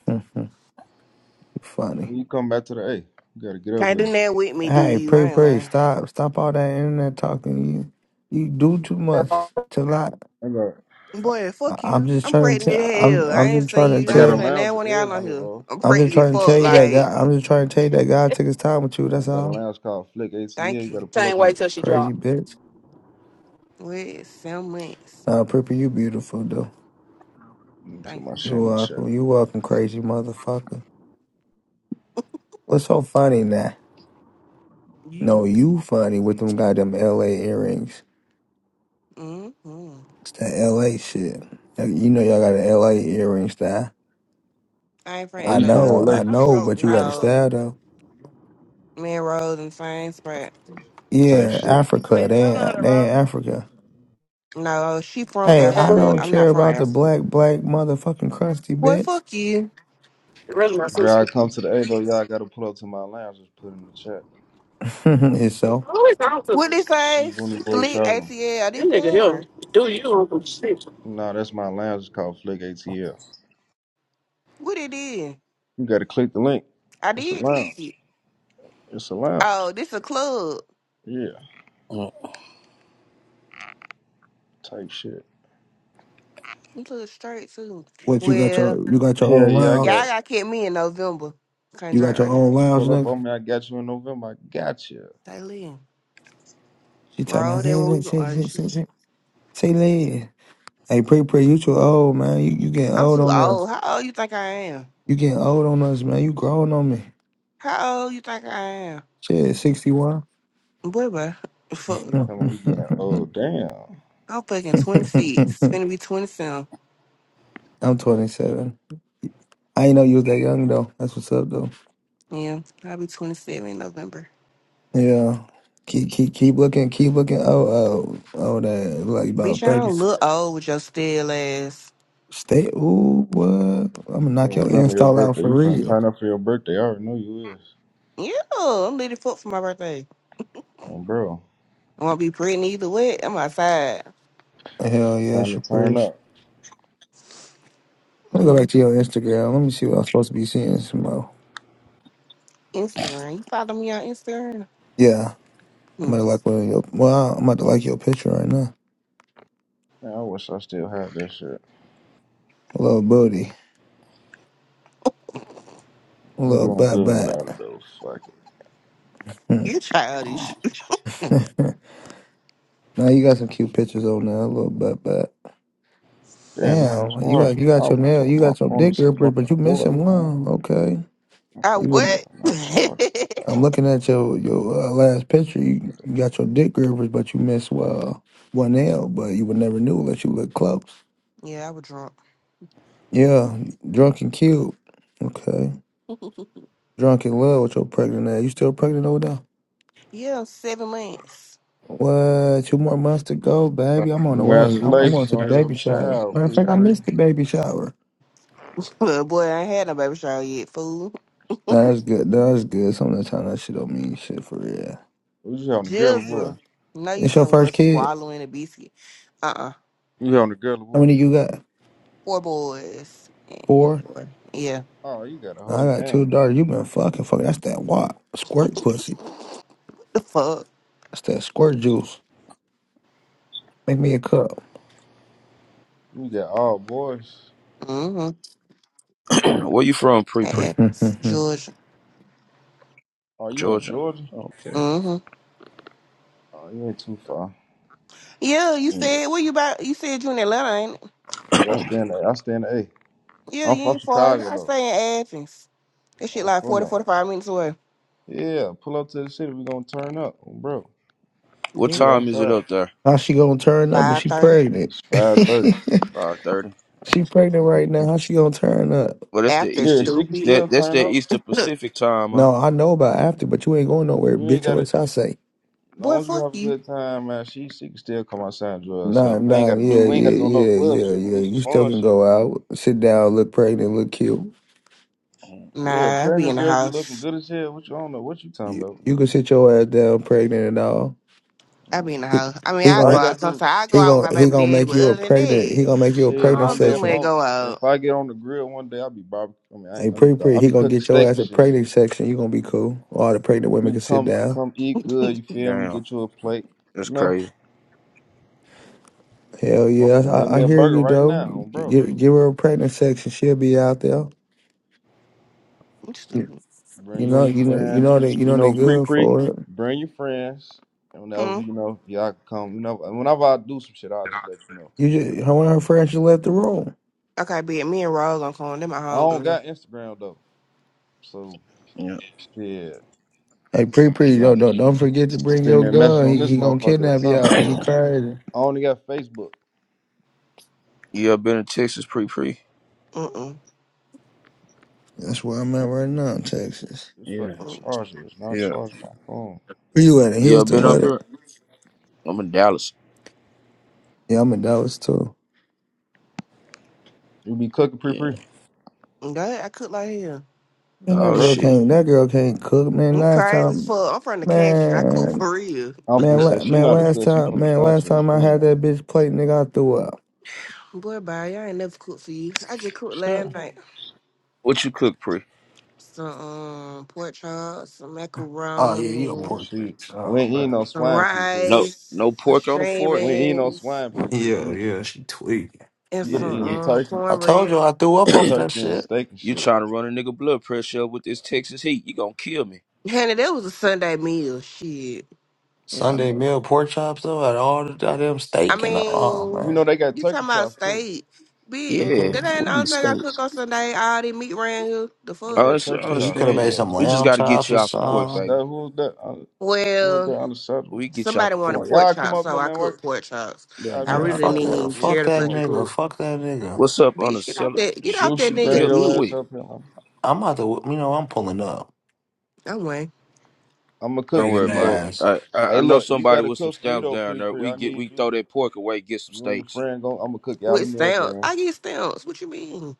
Speaker 1: You
Speaker 6: When
Speaker 1: Funny.
Speaker 6: you come back to the A, you gotta get up
Speaker 4: Can't
Speaker 6: with me.
Speaker 4: do that with me, do
Speaker 1: Hey,
Speaker 4: you?
Speaker 1: pre
Speaker 4: I ain't
Speaker 1: pre,
Speaker 4: lying.
Speaker 1: stop stop all that internet talking. You you do too much.
Speaker 2: know.
Speaker 1: Chill out.
Speaker 6: I got
Speaker 4: Boy,
Speaker 1: I-
Speaker 4: fuck
Speaker 1: I'm
Speaker 4: you.
Speaker 1: just
Speaker 4: I'm
Speaker 1: trying to.
Speaker 4: pregnant as
Speaker 1: Tell, I'm.
Speaker 4: hell. I
Speaker 1: I'm
Speaker 4: ain't
Speaker 1: just
Speaker 4: saying
Speaker 1: trying to
Speaker 4: you.
Speaker 6: I
Speaker 4: I
Speaker 6: got
Speaker 4: ain't
Speaker 6: a
Speaker 1: tell.
Speaker 4: saying
Speaker 6: lounge
Speaker 4: that
Speaker 6: in
Speaker 4: one of y'all on
Speaker 6: Edgewood,
Speaker 4: here.
Speaker 6: bro.
Speaker 4: I'm
Speaker 1: I'm just
Speaker 4: pregnant as
Speaker 1: trying to tell
Speaker 4: fuck.
Speaker 1: you
Speaker 2: It,
Speaker 1: that
Speaker 4: Like,
Speaker 1: God. I'm just trying to tell you that God
Speaker 2: it
Speaker 1: took his time with you.
Speaker 6: I
Speaker 1: That's
Speaker 6: got a
Speaker 1: all.
Speaker 6: lounge called Flick ACL.
Speaker 4: thank
Speaker 6: You
Speaker 4: you.
Speaker 6: gotta pull up
Speaker 2: same way
Speaker 6: on.
Speaker 2: till she
Speaker 1: Crazy
Speaker 2: dropped.
Speaker 1: bitch.
Speaker 4: What? Seven months.
Speaker 1: Nah, Pippa, you beautiful though.
Speaker 6: Let me put
Speaker 4: Thank
Speaker 6: my
Speaker 4: you.
Speaker 6: shit
Speaker 1: You
Speaker 6: in the chat.
Speaker 1: welcome. You welcome, crazy motherfucker. What's so funny now?
Speaker 4: You.
Speaker 1: No, you funny with them goddamn L.A. earrings.
Speaker 4: Mm-hmm.
Speaker 1: It's that L.A. shit. Like, You know y'all got an L.A. earring style.
Speaker 4: I ain't
Speaker 6: Oh,
Speaker 1: I
Speaker 4: from
Speaker 6: you
Speaker 4: LA
Speaker 6: from
Speaker 4: though.
Speaker 1: know.
Speaker 6: LA?
Speaker 1: I
Speaker 2: I be
Speaker 1: know.
Speaker 2: rolling.
Speaker 1: But you
Speaker 2: I used
Speaker 1: got a
Speaker 4: No,
Speaker 1: style
Speaker 2: to
Speaker 1: though.
Speaker 4: me and Rose and same spot.
Speaker 6: Type
Speaker 1: Yeah,
Speaker 6: shit.
Speaker 1: Africa.
Speaker 2: please, I don't
Speaker 1: They.
Speaker 2: know how
Speaker 1: in-
Speaker 2: to
Speaker 1: They in
Speaker 2: roll.
Speaker 1: Africa.
Speaker 4: No, she from
Speaker 1: Hey, I
Speaker 4: Africa.
Speaker 1: don't
Speaker 4: I'm
Speaker 2: It
Speaker 4: not
Speaker 1: care
Speaker 4: from
Speaker 1: about the
Speaker 4: Africa.
Speaker 1: black, black motherfucking crusty
Speaker 4: Well,
Speaker 1: bitch.
Speaker 4: fuck you.
Speaker 2: was my
Speaker 6: If y'all
Speaker 2: sister.
Speaker 6: come to the A though, y'all gotta pull up to my lounge. Just put it in the chat.
Speaker 1: and so,
Speaker 2: Who is on
Speaker 4: What
Speaker 2: to?
Speaker 4: they
Speaker 6: It's
Speaker 4: say?
Speaker 6: Booney Boy
Speaker 4: Flick
Speaker 6: Travel.
Speaker 4: ATL. I
Speaker 2: That
Speaker 4: did
Speaker 2: nigga here.
Speaker 4: porn.
Speaker 2: Do you on some shit?
Speaker 6: Nah, that's my lounge. It's called Flick ATL.
Speaker 4: What it is?
Speaker 6: You gotta click the link.
Speaker 4: I
Speaker 6: It's a
Speaker 4: did click
Speaker 6: lounge.
Speaker 4: it.
Speaker 6: It's a lounge.
Speaker 4: Oh, this a club.
Speaker 6: Yeah. Type shit.
Speaker 4: You look straight too.
Speaker 1: what you got
Speaker 4: Well,
Speaker 1: your you got your
Speaker 6: Hell
Speaker 1: own
Speaker 6: yeah, I
Speaker 4: y'all
Speaker 1: lounge?
Speaker 6: got.
Speaker 4: got to me in November. Can't
Speaker 1: You
Speaker 4: drink
Speaker 1: got your
Speaker 4: right now.
Speaker 1: own lounge,
Speaker 6: Pull up
Speaker 1: nigga.
Speaker 6: on me. I got you in November. I got you.
Speaker 4: Stay lean.
Speaker 1: She talking about
Speaker 4: Roll that
Speaker 1: say
Speaker 4: what we go.
Speaker 1: say
Speaker 4: Oh,
Speaker 1: say
Speaker 4: shit.
Speaker 1: say say say lady. Hey, pre pre, you too old, man. You you getting
Speaker 4: I'm
Speaker 1: old
Speaker 4: too
Speaker 1: on us.
Speaker 4: old. How old you think I am?
Speaker 1: You getting old on us, man. You growing on me.
Speaker 4: How old you think I am?
Speaker 1: Shit, sixty one.
Speaker 4: Boy, boy. Fuck.
Speaker 6: You Come on, you getting? Oh damn.
Speaker 4: I'm fucking 26. It's gonna be 27.
Speaker 1: I'm twenty seven. I ain't know you was that young though. That's what's up though.
Speaker 4: Yeah, I'll be 27 in November.
Speaker 1: Yeah. Keep keep keep looking, keep looking. Oh oh oh, that like
Speaker 4: Bitch,
Speaker 1: about
Speaker 4: I
Speaker 1: thirty.
Speaker 4: don't look old with your still ass.
Speaker 1: Stay. Ooh, what? I'm gonna knock your
Speaker 6: November, your
Speaker 1: install out
Speaker 6: birthday.
Speaker 1: for
Speaker 6: You finna
Speaker 1: real.
Speaker 6: turn up for your birthday. I already know you is.
Speaker 4: Yeah, I'm little fuck for my birthday.
Speaker 6: And bro,
Speaker 4: I won't be pregnant either way. I'm outside.
Speaker 1: Hell yeah,
Speaker 6: time to turn
Speaker 1: Shaprish.
Speaker 6: up.
Speaker 1: Let me go back
Speaker 4: Mm,
Speaker 1: to your Instagram. Let me see what I'm supposed to be seeing, Some Smo.
Speaker 4: Instagram. You follow me on Instagram?
Speaker 1: Yeah, I might
Speaker 4: Mm,
Speaker 1: like one of your. Well, I might like your picture right now.
Speaker 6: Man, I wish I still had that shit.
Speaker 1: A little booty, a
Speaker 6: I'm
Speaker 1: little
Speaker 6: doing
Speaker 1: butt
Speaker 6: good without it
Speaker 1: butt.
Speaker 6: though. Fuck it.
Speaker 1: Hmm.
Speaker 4: you childish.
Speaker 1: now you got some cute pictures on there. A little butt butt.
Speaker 6: Damn, it's
Speaker 1: Damn, you got
Speaker 6: charging.
Speaker 1: you
Speaker 6: I
Speaker 1: got
Speaker 6: was
Speaker 1: your nail.
Speaker 6: talking
Speaker 1: You
Speaker 6: my
Speaker 1: got your
Speaker 6: phone
Speaker 1: dick,
Speaker 6: is
Speaker 1: Shaprish,
Speaker 6: fucking
Speaker 1: but you
Speaker 6: water,
Speaker 1: missing
Speaker 6: man.
Speaker 1: one. Okay,
Speaker 6: I'm so
Speaker 4: I
Speaker 6: fucking
Speaker 1: you would.
Speaker 4: what?
Speaker 6: I'm not charging at
Speaker 1: I'm
Speaker 6: all.
Speaker 1: looking at your your uh, last picture. You got your dick grippers, but you missed uh, one L. But you would never knew unless you looked close.
Speaker 4: yeah, I was drunk.
Speaker 1: Yeah, drunk and cute. Okay, drunk in love with your pregnant ass. You still pregnant over there?
Speaker 4: Yeah, seven months.
Speaker 1: What? Two more months to go,
Speaker 6: But
Speaker 1: baby. I'm on the way. I'm,
Speaker 4: Mm-hmm.
Speaker 1: I'm going
Speaker 6: Congratulations
Speaker 1: to the
Speaker 6: on your
Speaker 1: baby shower.
Speaker 6: child,
Speaker 1: Matter of
Speaker 6: Pre
Speaker 1: fact, I
Speaker 4: I,
Speaker 6: Pre.
Speaker 1: missed the baby shower.
Speaker 4: well, boy, I ain't had no baby shower yet, fool.
Speaker 1: Nah, That's good. Nah, That's good. Some of the time that shit don't mean shit for real.
Speaker 6: Who's you on the girl or boy?
Speaker 4: Jizzle. No, you
Speaker 1: It's your
Speaker 4: somewhere
Speaker 1: first kid.
Speaker 4: swallowing a biscuit. Uh uh.
Speaker 6: You on the girl or
Speaker 1: How
Speaker 6: boy?
Speaker 1: many you got?
Speaker 4: Four boys. Yeah,
Speaker 1: Four.
Speaker 4: four. Yeah.
Speaker 6: Oh, you got a whole
Speaker 1: I got two
Speaker 6: gang.
Speaker 1: daughters. You been fucking fucking. That's that wop squirt pussy.
Speaker 4: What the fuck?
Speaker 1: That's that squirt juice. Make me a cup.
Speaker 6: You got all boys.
Speaker 4: Mm-hmm.
Speaker 8: Where you from, Pre Pre?
Speaker 4: That's Georgia.
Speaker 6: Oh, you in
Speaker 8: Georgia.
Speaker 6: Georgia?
Speaker 8: Okay.
Speaker 4: Mm-hmm.
Speaker 6: Oh, you ain't too far.
Speaker 4: Yeah, you said where you about you said you in Atlanta, ain't it?
Speaker 6: Yeah, I stay in the I stay in the A.
Speaker 4: Yeah,
Speaker 6: I'm
Speaker 4: you
Speaker 6: from
Speaker 4: ain't far.
Speaker 6: Chicago
Speaker 4: I
Speaker 6: though.
Speaker 4: stay in Athens. That shit
Speaker 6: I'm
Speaker 4: like
Speaker 6: from
Speaker 4: 40,
Speaker 6: there.
Speaker 4: 45 minutes away.
Speaker 6: Yeah, pull up to the city. We gonna turn up, bro.
Speaker 8: What
Speaker 6: We
Speaker 8: time
Speaker 4: Definitely.
Speaker 8: is it
Speaker 6: outside.
Speaker 8: up there?
Speaker 1: How she gonna turn up and
Speaker 4: Five
Speaker 1: she
Speaker 4: thirty.
Speaker 1: pregnant?
Speaker 6: It's five thirty.
Speaker 8: Five thirty.
Speaker 1: she pregnant right now. How she gonna turn up?
Speaker 8: Well, that's the
Speaker 4: After
Speaker 6: Shit,
Speaker 8: Eastern.
Speaker 6: she can
Speaker 4: stupid.
Speaker 8: That
Speaker 6: still
Speaker 8: that's
Speaker 6: turn
Speaker 8: the
Speaker 6: up.
Speaker 8: Eastern
Speaker 4: Look,
Speaker 8: Pacific time, huh?
Speaker 1: No, I know about after, but you ain't going nowhere,
Speaker 6: You ain't
Speaker 1: bitch,
Speaker 6: got to.
Speaker 1: unless
Speaker 6: As
Speaker 1: I say.
Speaker 4: Boy,
Speaker 6: long as you
Speaker 4: fuck
Speaker 6: have a
Speaker 4: you.
Speaker 6: good time, man, she she can still come outside and enjoy
Speaker 1: Nah,
Speaker 6: herself. We ain't
Speaker 1: nah,
Speaker 6: got to do.
Speaker 1: yeah,
Speaker 6: We ain't got
Speaker 1: yeah,
Speaker 6: to go no
Speaker 1: yeah,
Speaker 6: club.
Speaker 1: yeah,
Speaker 6: She can
Speaker 1: yeah.
Speaker 6: do some
Speaker 1: You still
Speaker 6: fun
Speaker 1: can
Speaker 6: shit.
Speaker 1: go out, sit down, look pregnant, look cute.
Speaker 6: Yeah,
Speaker 4: Nah, I be
Speaker 6: parent
Speaker 4: in the
Speaker 6: girls be looking
Speaker 4: house.
Speaker 6: good as hell. What you I don't know? What you talking
Speaker 1: You,
Speaker 6: about?
Speaker 1: you can sit your ass down, pregnant and all.
Speaker 4: I be in the
Speaker 1: He,
Speaker 4: house. I mean
Speaker 1: he
Speaker 4: I
Speaker 6: All
Speaker 4: go
Speaker 6: you
Speaker 1: gonna
Speaker 6: gotta
Speaker 4: out sometimes
Speaker 6: do,
Speaker 4: I go
Speaker 1: he
Speaker 4: out with
Speaker 1: gonna
Speaker 4: my
Speaker 1: he
Speaker 4: baby
Speaker 1: gonna
Speaker 4: daddy,
Speaker 1: make
Speaker 4: but
Speaker 1: you a
Speaker 4: other than
Speaker 1: pregnant.
Speaker 4: that,
Speaker 1: He gonna make you a
Speaker 6: shit.
Speaker 4: I
Speaker 1: pregnant
Speaker 6: One
Speaker 4: don't
Speaker 6: day
Speaker 4: too
Speaker 6: if
Speaker 1: session.
Speaker 4: much
Speaker 6: i
Speaker 4: go out.
Speaker 6: if I get on the grill one day, I'll be barbecue. I mean, I
Speaker 1: Hey,
Speaker 6: ain't, let me
Speaker 1: pretty
Speaker 6: stop.
Speaker 1: pretty,
Speaker 6: I'll
Speaker 1: he
Speaker 6: be
Speaker 1: gonna
Speaker 6: cooking
Speaker 1: get your
Speaker 6: steak
Speaker 1: ass
Speaker 6: and
Speaker 1: a
Speaker 6: shit.
Speaker 1: pregnant section. You gonna be cool. All the pregnant women
Speaker 6: You
Speaker 1: can sit
Speaker 6: come
Speaker 1: down.
Speaker 6: come eat good. You feel me?
Speaker 8: Damn,
Speaker 6: Get you a plate.
Speaker 8: that's
Speaker 6: You know.
Speaker 8: crazy.
Speaker 1: Hell
Speaker 6: I'm
Speaker 1: yeah,
Speaker 6: finna make
Speaker 1: I, I
Speaker 6: me a
Speaker 1: hear
Speaker 6: burger
Speaker 1: you
Speaker 6: right
Speaker 1: though.
Speaker 6: now, bro.
Speaker 1: Give, give her a pregnant section. She'll be out there.
Speaker 4: I'm stupid.
Speaker 6: Bring
Speaker 1: You
Speaker 6: you and
Speaker 1: know,
Speaker 6: your
Speaker 1: you know, you
Speaker 6: friends.
Speaker 1: know that you
Speaker 6: You
Speaker 1: know they
Speaker 6: know, pre
Speaker 1: good
Speaker 6: pre.
Speaker 1: for it.
Speaker 6: Bring your friends. And
Speaker 4: Hmm?
Speaker 6: whenever you know y'all can come, you know, and whenever I do some shit, I'll
Speaker 9: that I
Speaker 6: just let you know.
Speaker 1: You just her one of her friends just left the room.
Speaker 4: Okay, bitch, me and Rose on corn. They my
Speaker 6: I don't
Speaker 4: homegirl.
Speaker 6: got Instagram though, so
Speaker 8: Yeah.
Speaker 6: shit,
Speaker 1: Hey, pretty
Speaker 6: you
Speaker 1: pretty,
Speaker 6: gonna have
Speaker 1: don't
Speaker 6: to
Speaker 1: don't don't forget to bring
Speaker 6: send
Speaker 1: your
Speaker 6: me a message
Speaker 1: gun. He
Speaker 6: on this
Speaker 1: he gonna
Speaker 6: motherfucker or
Speaker 1: kidnap
Speaker 6: something.
Speaker 1: y'all. He crazy.
Speaker 6: I only got Facebook.
Speaker 8: you ever been to Texas, Pre Pre?
Speaker 4: Mm-mm.
Speaker 1: That's where I'm at right now in Texas.
Speaker 6: This
Speaker 8: Yeah.
Speaker 6: fucking
Speaker 4: Mm.
Speaker 6: charger is not
Speaker 8: Yeah.
Speaker 6: charging my phone.
Speaker 1: Where you at in
Speaker 8: You ever
Speaker 1: Houston
Speaker 8: been up
Speaker 1: with it?
Speaker 8: here? I'm in Dallas.
Speaker 1: Yeah, I'm in Dallas too.
Speaker 6: You be cooking pre
Speaker 8: Yeah.
Speaker 6: pre,
Speaker 4: That, I cook like hell.
Speaker 1: Man,
Speaker 6: um,
Speaker 1: that
Speaker 8: Oh
Speaker 6: bro.
Speaker 1: girl
Speaker 8: shit.
Speaker 1: can't. That girl can't cook. Man,
Speaker 4: I'm
Speaker 1: last
Speaker 4: crazy as
Speaker 1: time,
Speaker 4: fuck. I'm from the country. I cook
Speaker 1: man.
Speaker 4: for real.
Speaker 6: I'm finna
Speaker 1: Man,
Speaker 6: say
Speaker 1: la-
Speaker 6: she
Speaker 1: man,
Speaker 6: not a
Speaker 1: last
Speaker 6: cook. She
Speaker 1: time,
Speaker 6: from the
Speaker 1: man, last
Speaker 6: country on
Speaker 1: time I had
Speaker 6: phone.
Speaker 1: that bitch plate, nigga, I threw up.
Speaker 4: Boy, bye. Y'all ain't never cooked for you. I just cooked last
Speaker 6: Sure.
Speaker 4: night.
Speaker 8: What you cook, Pre?
Speaker 4: Some um, pork chops, some
Speaker 1: Oh yeah, you a
Speaker 4: macaroni,
Speaker 8: Mm.
Speaker 1: pork
Speaker 6: She
Speaker 1: bitch.
Speaker 6: we
Speaker 1: Oh
Speaker 6: ain't eating no
Speaker 1: man.
Speaker 4: some
Speaker 6: swine pre pre.
Speaker 8: No,
Speaker 4: rice,
Speaker 8: no
Speaker 4: some
Speaker 8: pork on the
Speaker 4: string
Speaker 8: fork.
Speaker 6: We ain't no
Speaker 4: beans,
Speaker 6: swine pre pre with
Speaker 1: Yeah,
Speaker 6: me.
Speaker 1: yeah, she tweaking.
Speaker 4: and
Speaker 6: You
Speaker 1: I
Speaker 6: gonna
Speaker 8: Yeah.
Speaker 6: be
Speaker 4: some
Speaker 1: knew
Speaker 6: eating
Speaker 1: it.
Speaker 8: You
Speaker 4: um,
Speaker 6: turkey,
Speaker 1: I told you
Speaker 4: cornbread.
Speaker 1: I threw up off that
Speaker 6: turkey and
Speaker 1: shit.
Speaker 6: steak and
Speaker 8: you
Speaker 6: shit.
Speaker 8: trying to run a nigga blood pressure up with this Texas heat? You gonna kill me?
Speaker 4: Honey, that was a Sunday meal. Shit.
Speaker 8: Yeah.
Speaker 1: Sunday meal pork chops though, had all the goddamn
Speaker 4: I
Speaker 1: steak and oh
Speaker 4: mean,
Speaker 6: You know
Speaker 1: man.
Speaker 6: they got
Speaker 4: you talking
Speaker 6: turkey
Speaker 4: about
Speaker 6: chops too.
Speaker 4: steak. Bitch,
Speaker 1: You
Speaker 8: Yeah,
Speaker 4: that
Speaker 1: could
Speaker 4: ain't
Speaker 8: we
Speaker 4: the
Speaker 8: in
Speaker 4: only
Speaker 8: the
Speaker 4: thing I cook
Speaker 8: States.
Speaker 4: on Sunday. All the meat around here. The
Speaker 6: They
Speaker 8: I
Speaker 4: fuck?
Speaker 6: got
Speaker 8: under- I
Speaker 6: turkey
Speaker 1: shit, you
Speaker 6: chops
Speaker 1: could have
Speaker 6: too
Speaker 8: understand.
Speaker 1: made
Speaker 6: though.
Speaker 1: some
Speaker 8: We just
Speaker 1: lamb
Speaker 8: got to get
Speaker 1: chops
Speaker 8: you
Speaker 1: or
Speaker 8: off the porch,
Speaker 1: something.
Speaker 8: baby.
Speaker 6: Understand who's that? un- Who's
Speaker 4: Well,
Speaker 6: that unacceptable?
Speaker 8: We get you off
Speaker 4: somebody
Speaker 8: the
Speaker 6: I'm
Speaker 4: wanted
Speaker 6: like,
Speaker 8: porch.
Speaker 4: pork
Speaker 6: y'all come
Speaker 4: chops,
Speaker 6: up
Speaker 4: so
Speaker 6: here,
Speaker 4: I
Speaker 6: man.
Speaker 4: cook
Speaker 6: Work.
Speaker 4: pork chops.
Speaker 8: You gotta
Speaker 6: Y'all
Speaker 4: I
Speaker 6: be
Speaker 8: get
Speaker 1: Man,
Speaker 6: acting
Speaker 4: really
Speaker 8: out
Speaker 6: like
Speaker 8: the
Speaker 4: didn't
Speaker 1: fuck
Speaker 6: y'all
Speaker 8: porch.
Speaker 1: that
Speaker 4: even
Speaker 6: scared
Speaker 4: care
Speaker 1: fuck
Speaker 6: to
Speaker 4: to
Speaker 1: that
Speaker 6: come up
Speaker 4: fucking
Speaker 6: here.
Speaker 1: nigga.
Speaker 4: cook.
Speaker 1: Fuck that nigga.
Speaker 8: What's up on the
Speaker 4: Bitch, get off
Speaker 8: cell?
Speaker 4: that get off
Speaker 8: She
Speaker 4: that
Speaker 8: she
Speaker 6: Juicy, bring
Speaker 4: nigga
Speaker 8: dipped
Speaker 6: your
Speaker 4: dick.
Speaker 6: ass
Speaker 8: quick.
Speaker 6: up here. I'm,
Speaker 1: I'm about to you know, I'm pulling up.
Speaker 4: I'm way.
Speaker 6: I'm gonna
Speaker 8: Don't
Speaker 6: cook for
Speaker 1: Breaking
Speaker 8: worry
Speaker 6: you
Speaker 8: about it.
Speaker 6: though.
Speaker 1: ass.
Speaker 8: I, I
Speaker 6: Hey,
Speaker 8: I know
Speaker 6: look, you
Speaker 8: somebody
Speaker 6: gotta
Speaker 8: with some
Speaker 6: cook for me
Speaker 8: stamps
Speaker 6: though,
Speaker 8: down
Speaker 6: pre
Speaker 8: there.
Speaker 6: pre.
Speaker 8: We
Speaker 6: I
Speaker 8: get we
Speaker 6: need you.
Speaker 8: throw that pork away, get some
Speaker 6: You and your
Speaker 8: steaks.
Speaker 6: friend go. I'm gonna cook y'all a
Speaker 4: With
Speaker 6: meal,
Speaker 4: stamps.
Speaker 6: then.
Speaker 4: I get stamps. What you mean?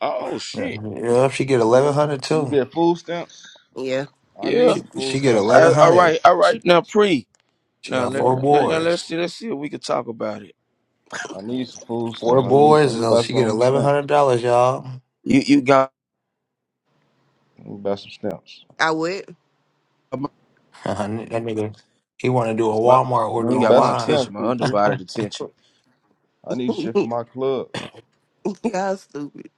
Speaker 8: Oh
Speaker 1: Yeah,
Speaker 8: shit.
Speaker 1: if she get eleven
Speaker 8: Mm,
Speaker 1: hundred
Speaker 6: You
Speaker 1: too.
Speaker 6: get food stamps.
Speaker 4: Yeah,
Speaker 6: I need
Speaker 8: Yeah.
Speaker 1: She
Speaker 6: some food
Speaker 1: she get
Speaker 6: stamps right
Speaker 1: eleven
Speaker 8: I,
Speaker 6: now.
Speaker 8: all
Speaker 1: hundred.
Speaker 8: right. All right.
Speaker 1: She,
Speaker 8: Now pre.
Speaker 1: she
Speaker 8: Now
Speaker 1: got
Speaker 6: You
Speaker 8: let,
Speaker 6: heard
Speaker 1: four
Speaker 6: me,
Speaker 8: let- let-
Speaker 6: pre?
Speaker 8: now let's
Speaker 1: boys.
Speaker 8: see let's see if we can talk about it.
Speaker 6: I need some food
Speaker 1: Four
Speaker 6: stamps. I need. Let
Speaker 1: boys,
Speaker 6: me
Speaker 1: so
Speaker 6: buy
Speaker 1: she get
Speaker 6: some
Speaker 1: eleven hundred
Speaker 6: stamps.
Speaker 1: dollars, y'all.
Speaker 8: You you got
Speaker 6: Let me buy some stamps.
Speaker 4: I would.
Speaker 8: my
Speaker 1: that nigga, he want to do a
Speaker 8: my-
Speaker 1: Walmart
Speaker 6: Let
Speaker 1: order
Speaker 8: you
Speaker 6: me
Speaker 8: got
Speaker 6: buy
Speaker 8: my
Speaker 6: some
Speaker 1: online.
Speaker 6: stamps,
Speaker 8: attention, my
Speaker 6: pre pre.
Speaker 8: undivided attention.
Speaker 6: I need shit for my club.
Speaker 4: Y'all stupid.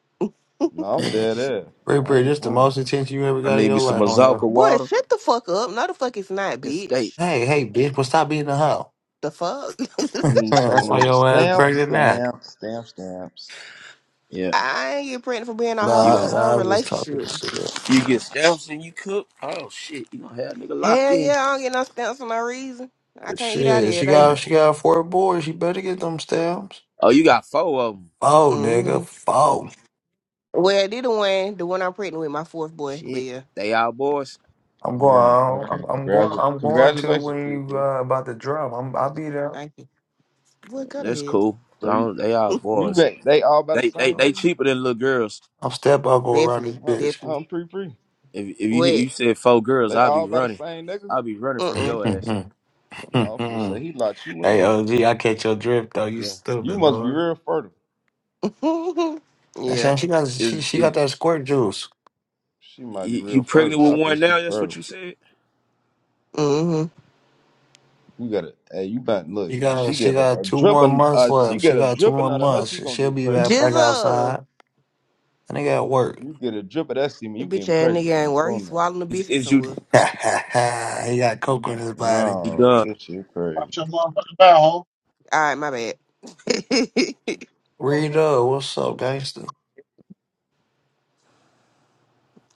Speaker 6: No, I'm dead ass.
Speaker 1: Pretty
Speaker 6: I
Speaker 1: pretty,
Speaker 6: ain't
Speaker 1: just the
Speaker 6: playing.
Speaker 1: most attention you ever
Speaker 8: I
Speaker 1: got in
Speaker 8: need me
Speaker 1: your
Speaker 8: some
Speaker 1: life on here.
Speaker 8: Mazalka
Speaker 4: Boy,
Speaker 8: water
Speaker 4: shut the fuck up. No the fuck it's not,
Speaker 8: and steak.
Speaker 4: bitch.
Speaker 1: Hey, hey, bitch, but stop beating the hoe.
Speaker 4: The fuck?
Speaker 6: I need some of
Speaker 1: That's why
Speaker 6: them
Speaker 8: Oh,
Speaker 1: your ass
Speaker 6: stamps,
Speaker 1: pregnant now.
Speaker 6: stamps, stamps, stamps.
Speaker 8: yeah.
Speaker 4: I ain't get pregnant for being a hoe
Speaker 8: You
Speaker 4: I'm in a
Speaker 1: Nah,
Speaker 8: gonna
Speaker 4: whole
Speaker 1: nah, I'm just talking
Speaker 4: relationship.
Speaker 1: shit.
Speaker 8: you get steps and you cook. Oh shit, you gonna have a nigga locked
Speaker 4: Hell
Speaker 8: in.
Speaker 4: yeah, I don't get no stamps for no reason. I can't eat out
Speaker 1: Shit,
Speaker 4: every
Speaker 1: she
Speaker 4: day.
Speaker 1: got she got four boys. She better get them stamps.
Speaker 8: Oh, you got four of them.
Speaker 1: Four, nigga,
Speaker 4: Mm-hmm.
Speaker 1: four.
Speaker 4: Well, they the one, the one I'm pregnant with, my fourth boy. But
Speaker 8: Shit,
Speaker 4: yeah,
Speaker 8: they all boys.
Speaker 1: I'm
Speaker 6: Man,
Speaker 1: going. I'm,
Speaker 6: okay.
Speaker 1: I'm going.
Speaker 6: Congratu-
Speaker 1: I'm going to
Speaker 6: congratulations,
Speaker 1: when
Speaker 6: pre
Speaker 1: you
Speaker 6: pre.
Speaker 1: uh, about to drop. I'm. I'll be there.
Speaker 4: thank you. Boy, go
Speaker 8: That's
Speaker 4: to
Speaker 8: cool.
Speaker 6: So you,
Speaker 8: Long as they all
Speaker 4: hell.
Speaker 6: you
Speaker 8: boys.
Speaker 6: bet they all by the
Speaker 8: They they
Speaker 6: same
Speaker 8: they
Speaker 6: nigga?
Speaker 8: cheaper than little girls.
Speaker 1: I'm step I'll go around
Speaker 4: definitely,
Speaker 6: Huh,
Speaker 1: this
Speaker 4: definitely.
Speaker 6: huh pre pre?
Speaker 8: If if you you
Speaker 4: Wait,
Speaker 8: said four girls,
Speaker 6: They
Speaker 8: I'll be
Speaker 6: all by the
Speaker 8: running.
Speaker 6: same nigga?
Speaker 8: I'll be running from
Speaker 4: mm
Speaker 8: your ass.
Speaker 1: bitch.
Speaker 6: I was gonna say he locked you
Speaker 1: hey,
Speaker 6: in.
Speaker 1: OG, I catch your drift though. You
Speaker 8: Yeah.
Speaker 6: You
Speaker 1: stupid,
Speaker 6: must be
Speaker 1: Lord.
Speaker 6: real fertile.
Speaker 4: mm.
Speaker 1: That's
Speaker 4: yeah.
Speaker 1: saying she got. She
Speaker 8: Is
Speaker 1: she
Speaker 8: is
Speaker 1: got that squirt juice.
Speaker 6: She might be
Speaker 8: you you
Speaker 6: real
Speaker 8: pregnant
Speaker 6: fertile.
Speaker 8: with
Speaker 6: I think
Speaker 8: one
Speaker 6: she
Speaker 8: now? That's what
Speaker 6: fertile.
Speaker 8: you said.
Speaker 4: Mm-hmm.
Speaker 6: You got it. Hey, you better look.
Speaker 1: She
Speaker 6: if
Speaker 1: got.
Speaker 6: She
Speaker 1: She
Speaker 6: get a,
Speaker 1: got
Speaker 6: a
Speaker 1: two
Speaker 6: drip,
Speaker 1: more
Speaker 6: and
Speaker 1: months
Speaker 6: uh, she
Speaker 1: left.
Speaker 6: get
Speaker 1: She
Speaker 6: a
Speaker 1: got two
Speaker 6: dripping
Speaker 1: more
Speaker 6: out of her. She
Speaker 1: months.
Speaker 6: gonna
Speaker 1: She'll
Speaker 6: get
Speaker 1: be
Speaker 6: pregnant.
Speaker 1: right back
Speaker 4: Jizzle.
Speaker 1: outside. And they got work.
Speaker 6: You get a drip of that semen, you
Speaker 4: That bitch
Speaker 6: getting
Speaker 4: ass
Speaker 6: pregnant.
Speaker 4: nigga
Speaker 6: on
Speaker 4: ain't
Speaker 6: the
Speaker 4: worried. He
Speaker 6: phone now.
Speaker 4: swallowing a
Speaker 8: Is
Speaker 4: biscuit
Speaker 8: is you
Speaker 4: somewhere.
Speaker 1: he got coke in his body.
Speaker 8: you
Speaker 6: No,
Speaker 8: done?
Speaker 6: this shit crazy.
Speaker 7: watch your motherfucking mouth.
Speaker 4: All right, my bad.
Speaker 1: Rita, what's up, gangster?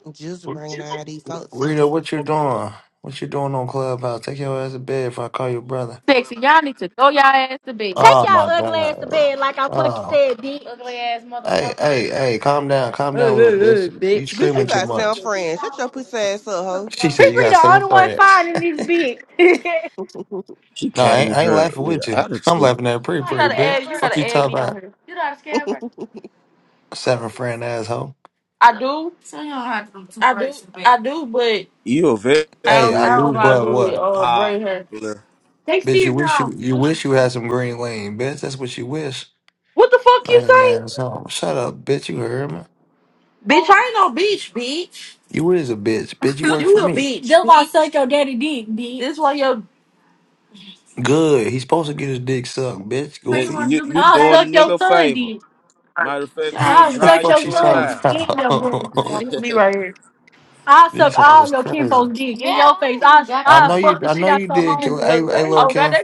Speaker 4: Jizzle bringing
Speaker 7: ho.
Speaker 4: all these folks in
Speaker 1: Rita,
Speaker 4: here.
Speaker 1: what you doing? What you doing on Clubhouse? Take your ass to bed if I call your brother.
Speaker 10: sexy. Y'all need to go y'all ass to bed. Take
Speaker 1: Oh
Speaker 10: y'all
Speaker 1: my
Speaker 10: ugly ass to
Speaker 1: god.
Speaker 10: bed like I fucking
Speaker 1: Oh.
Speaker 10: said, bitch. Ugly ass
Speaker 1: Hey,
Speaker 10: motherfucker.
Speaker 1: hey, hey, calm down, calm down, little bitch. You
Speaker 4: Bitch, you
Speaker 1: screaming too
Speaker 8: Damn.
Speaker 4: got sound
Speaker 1: much.
Speaker 4: friends. Shut your pussy ass up, hoe.
Speaker 1: She said you
Speaker 10: Riri
Speaker 1: got
Speaker 10: the
Speaker 1: seven
Speaker 10: only one
Speaker 1: friends.
Speaker 10: fine in this bitch.
Speaker 8: She
Speaker 1: No, I
Speaker 8: came
Speaker 1: ain't,
Speaker 8: in
Speaker 1: I ain't
Speaker 8: here
Speaker 1: laughing
Speaker 8: with an
Speaker 1: with you. I'm
Speaker 8: attitude.
Speaker 1: laughing at a pretty pretty bitch. Fuck you talking about seven friend asshole.
Speaker 10: I do, I do, I do, but
Speaker 8: You are very
Speaker 10: I
Speaker 1: Hey,
Speaker 10: don't,
Speaker 1: I
Speaker 10: I
Speaker 1: do,
Speaker 10: don't know how to
Speaker 1: but
Speaker 10: do with
Speaker 1: what?
Speaker 10: uh braid hair.
Speaker 8: unpopular.
Speaker 10: Next to
Speaker 1: Bitch, you
Speaker 10: your
Speaker 1: wish you
Speaker 10: girl.
Speaker 1: you wish you had some green lane, bitch. That's what you wish.
Speaker 10: What the fuck you say?
Speaker 1: Man, man, so shut up, bitch. You heard me.
Speaker 10: Bitch, I ain't no bitch, bitch.
Speaker 1: You is a bitch, bitch. You work for
Speaker 10: You a
Speaker 1: me.
Speaker 10: bitch, Them my son. bitch. This
Speaker 1: Good. He's supposed to get his dick sucked, bitch.
Speaker 8: You,
Speaker 1: Goofy.
Speaker 8: you, you
Speaker 10: I'll
Speaker 8: doing a
Speaker 10: suck your
Speaker 8: nigga a favor.
Speaker 10: shit.
Speaker 8: Matter of fact, we'll
Speaker 10: I'll
Speaker 8: drive
Speaker 10: suck
Speaker 8: you
Speaker 1: Fuck,
Speaker 10: your
Speaker 1: she
Speaker 8: to his
Speaker 1: talking
Speaker 10: son
Speaker 8: house.
Speaker 10: dick in your booty.
Speaker 1: about.
Speaker 10: I'll suck
Speaker 1: These
Speaker 10: all
Speaker 1: was
Speaker 10: your
Speaker 1: crazy.
Speaker 10: kinfolk's dick in your face. I'll,
Speaker 1: I know
Speaker 10: I'll
Speaker 1: you.
Speaker 10: fuck the
Speaker 1: I
Speaker 10: shit
Speaker 1: know
Speaker 10: out
Speaker 1: you
Speaker 10: your
Speaker 1: did. Kim. Hey, hey, little
Speaker 10: home.
Speaker 1: Ken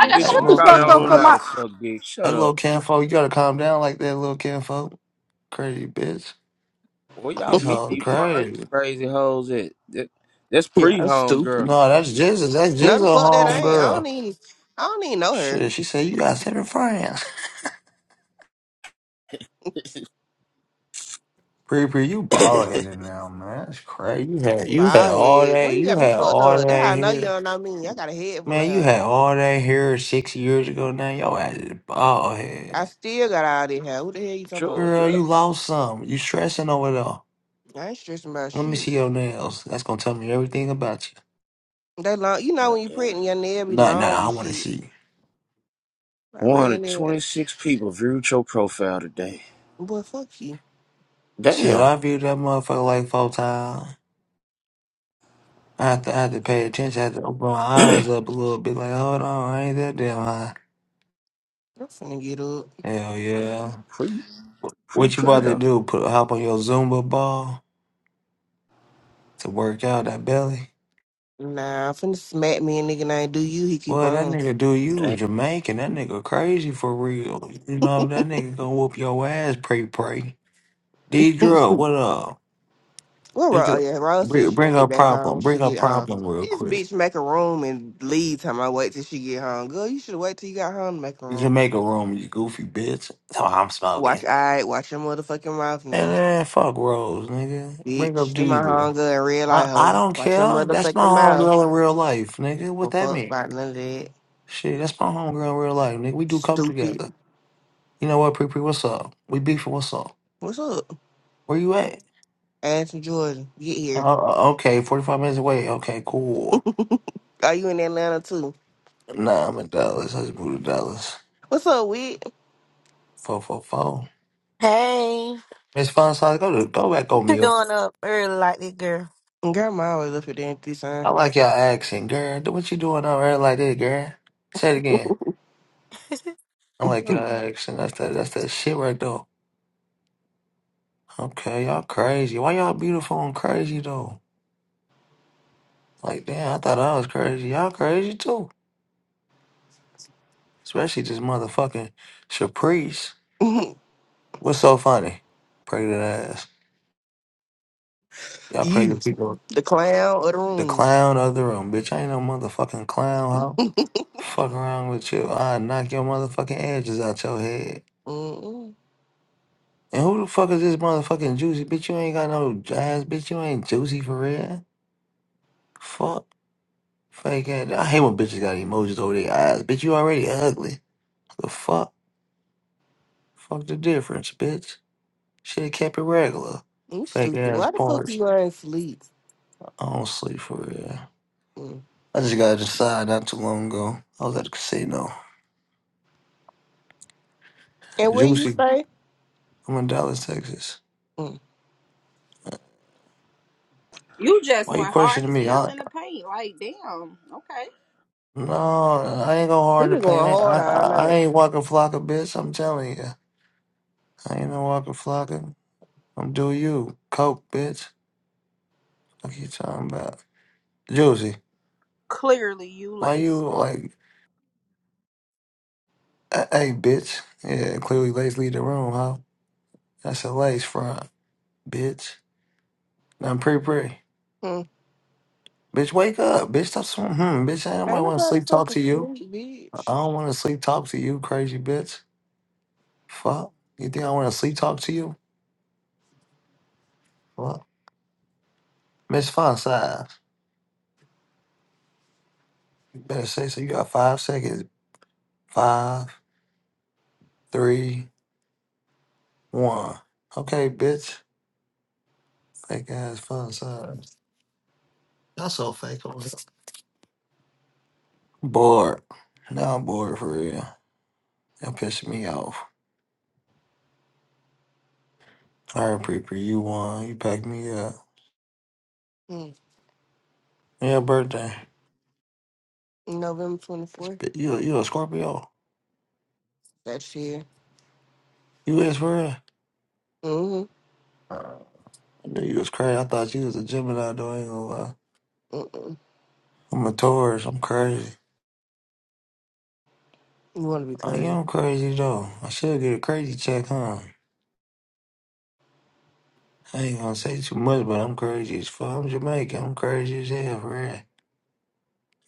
Speaker 10: I got
Speaker 1: Hey,
Speaker 10: shut
Speaker 8: you
Speaker 10: the
Speaker 1: little
Speaker 8: probably
Speaker 10: fuck
Speaker 1: Ken
Speaker 10: up
Speaker 8: don't know how to suck dick.
Speaker 1: Hey,
Speaker 8: Shut
Speaker 1: little
Speaker 8: up.
Speaker 1: Ken You gotta calm down like that, little Ken Crazy bitch.
Speaker 8: Where y'all
Speaker 1: These
Speaker 8: meet
Speaker 1: hoes
Speaker 8: these fine
Speaker 1: crazy.
Speaker 8: crazy hoes at? That, that's
Speaker 4: Yeah, I'm
Speaker 8: pre-home,
Speaker 4: stupid.
Speaker 8: girl.
Speaker 1: No, that's Jesus. That's
Speaker 4: No,
Speaker 1: Jesus,
Speaker 4: the fuck that
Speaker 1: home
Speaker 4: I ain't. I don't
Speaker 1: girl.
Speaker 4: even. I don't even know her.
Speaker 1: Shit, she said you got seven friends. Pre pre, you bald headed now, man. That's crazy. You had you had
Speaker 4: Bald
Speaker 1: all
Speaker 4: head.
Speaker 1: that.
Speaker 4: Boy, you
Speaker 1: You
Speaker 4: got me
Speaker 1: had
Speaker 4: fucked
Speaker 1: all
Speaker 4: up. That's
Speaker 1: that
Speaker 4: how I know you
Speaker 1: here.
Speaker 4: don't know me. I got a head full of
Speaker 1: Man, you
Speaker 4: hair.
Speaker 1: had all that hair six years ago now. Yo ass is bald
Speaker 4: I
Speaker 1: head.
Speaker 4: still got all this hair. What the hell you talking about?
Speaker 1: Girl,
Speaker 8: Georgia?
Speaker 1: you lost some. You stressing over there.
Speaker 4: I ain't stressing about
Speaker 1: Let me
Speaker 4: shit.
Speaker 1: see your nails. That's gonna tell me everything about you.
Speaker 4: They long. You know when you
Speaker 8: Goddamn.
Speaker 4: pregnant, your nail be
Speaker 1: Nah, nah,
Speaker 4: long
Speaker 1: I
Speaker 4: and
Speaker 1: wanna
Speaker 4: shit.
Speaker 1: see.
Speaker 4: I read that.
Speaker 8: 126 people viewed your profile today.
Speaker 4: Boy, fuck you.
Speaker 1: Shit,
Speaker 8: Damn.
Speaker 1: I viewed that motherfucker like four times. I have to I have to pay attention. I have to open my eyes up a little bit. Like, hold on, I ain't that damn high.
Speaker 4: I'm finna get up.
Speaker 1: Hell yeah.
Speaker 8: pretty,
Speaker 1: Wh-
Speaker 8: pretty
Speaker 1: What you
Speaker 8: pretty
Speaker 1: about to
Speaker 8: though.
Speaker 1: do? Put hop on your Zumba ball to work out that belly?
Speaker 4: Nah, I'm finna smack me and nigga name. Do you? He keep
Speaker 1: Well, that
Speaker 4: on.
Speaker 1: nigga do you Jamaican. That nigga crazy for real. You know that nigga gonna whoop your ass. Pray, pray. D drill, what up?
Speaker 4: Well,
Speaker 1: D
Speaker 4: Ro- oh
Speaker 1: drill,
Speaker 4: yeah, Rose said
Speaker 1: bring,
Speaker 4: she gonna
Speaker 1: bring
Speaker 4: get
Speaker 1: a
Speaker 4: back on when
Speaker 1: problem.
Speaker 4: she
Speaker 1: Bring a
Speaker 4: get home.
Speaker 1: problem real
Speaker 4: This
Speaker 1: quick.
Speaker 4: bitch make a room and leave time I wait till she get home. Girl, you should wait till you got home to make a room.
Speaker 1: Jamaica room, you goofy bitch. So I'm
Speaker 4: Watch
Speaker 1: smoking.
Speaker 4: I watch your motherfucking mouth
Speaker 1: And
Speaker 4: now.
Speaker 1: then fuck Rose, nigga. Bring up
Speaker 4: Bitch, They
Speaker 1: D
Speaker 4: my
Speaker 1: drill.
Speaker 4: hunger and red light
Speaker 1: I, I
Speaker 4: hoe.
Speaker 1: don't
Speaker 4: Watch your
Speaker 1: care. That's my
Speaker 4: motherfucking mouth.
Speaker 1: homegirl in real life, nigga. What
Speaker 4: Don't
Speaker 1: that
Speaker 4: fuck
Speaker 1: mean?
Speaker 4: about none of that.
Speaker 1: Shit, that's my homegirl in real life, nigga. We do coke
Speaker 4: Stupid.
Speaker 1: together. You know what, Pre Pre? What's up? We beefing. What's up?
Speaker 4: What's up?
Speaker 1: Where you at?
Speaker 4: Ash and Jordan, get here.
Speaker 1: Oh, okay, 45 minutes away. Okay, cool.
Speaker 4: Are you in Atlanta too?
Speaker 1: Nah, I'm in Dallas. I just moved to Dallas.
Speaker 4: What's up, Wig?
Speaker 1: 444.
Speaker 11: Hey,
Speaker 1: Miss Fun Size, go to, go back
Speaker 11: what
Speaker 1: on
Speaker 11: you
Speaker 1: mute.
Speaker 11: doing up early like this, girl?
Speaker 4: Grandma always up here damn three sign.
Speaker 1: I like y'all accent, girl. Do What you doing over there like that, girl? Say it again. I like y'all accent. That's that, that's that shit right there. Okay, y'all crazy. Why y'all beautiful and crazy, though? Like, damn, I thought I was crazy. Y'all crazy, too. Especially this motherfucking Caprice. What's so funny? Pregnant ass. Y'all pregnant
Speaker 4: you,
Speaker 1: people.
Speaker 4: the clown of the
Speaker 1: The
Speaker 4: room.
Speaker 1: clown of the room, bitch. I ain't no motherfucking clown, huh? Fuck around with you. I knock your motherfucking edges out your head.
Speaker 4: Mm-mm.
Speaker 1: And who the fuck is this motherfucking juicy? Bitch, you ain't got no ass. Bitch, you ain't juicy for real. Fuck. Fake ass. I hate when bitches got emojis over their eyes. Bitch, you already ugly. The fuck? Fuck the difference, bitch. Shit kept it regular.
Speaker 4: You
Speaker 1: Fake
Speaker 4: stupid.
Speaker 1: ass
Speaker 4: Why the fuck
Speaker 1: parts.
Speaker 4: you ain't sleep?
Speaker 1: I don't sleep for real.
Speaker 4: Mm.
Speaker 1: I just got to decide not too long ago. I was at the casino.
Speaker 4: And where you
Speaker 1: Juicy.
Speaker 4: stay?
Speaker 1: I'm in Dallas, Texas.
Speaker 4: Mm.
Speaker 12: You just
Speaker 1: Why you
Speaker 12: went hard
Speaker 1: questioning
Speaker 12: as
Speaker 1: me?
Speaker 12: hell
Speaker 1: I,
Speaker 12: in the paint. Like, damn. Okay.
Speaker 1: no, I ain't go
Speaker 4: We
Speaker 1: hard in
Speaker 4: been
Speaker 1: the paint.
Speaker 4: going hard
Speaker 1: I,
Speaker 4: all
Speaker 1: I, I
Speaker 4: night.
Speaker 1: ain't walking flocker, bitch. I'm telling you. I ain't no walking flocker. I'm do you. Coke, bitch. What you talking about? Juicy.
Speaker 12: Clearly, you
Speaker 1: Why
Speaker 12: lace.
Speaker 1: you like, a- hey, bitch. Yeah, clearly Lace leave the room, huh? That's a Lace front, bitch. Now I'm pretty pretty.
Speaker 4: Mm.
Speaker 1: Bitch, wake up. Bitch, stop sw- hmm, Bitch, I don't
Speaker 4: Ain't
Speaker 1: want to
Speaker 4: nobody
Speaker 1: sleep talk
Speaker 4: fucking
Speaker 1: to you.
Speaker 4: sleep,
Speaker 1: I
Speaker 4: bitch.
Speaker 1: don't want to sleep talk to you, crazy bitch. Fuck. You think I want to sleep talk to you? Fuck. Miss Fun You better say so. You got five seconds. Five, three, one. Okay, bitch. Fake ass fun side. Y'all so fake over here. Bored. Now I'm bored for real. Y'all pissing me off. All right, pre pre, you won. You packed me up.
Speaker 4: Mm.
Speaker 1: Yeah, birthday.
Speaker 4: November 24th.
Speaker 1: But You you a Scorpio?
Speaker 4: That shit.
Speaker 1: You is for real?
Speaker 4: Mm-hmm.
Speaker 1: I knew you was crazy. I thought you was a Gemini, though. I ain't gonna lie.
Speaker 4: Mm-mm.
Speaker 1: I'm a Taurus. I'm crazy.
Speaker 4: You want to be
Speaker 1: Oh, yeah,
Speaker 4: crazy?
Speaker 1: I'm crazy, though. I should get a crazy check, huh? I ain't gonna say too much, but I'm crazy as fuck. I'm Jamaican. I'm crazy as hell, for real.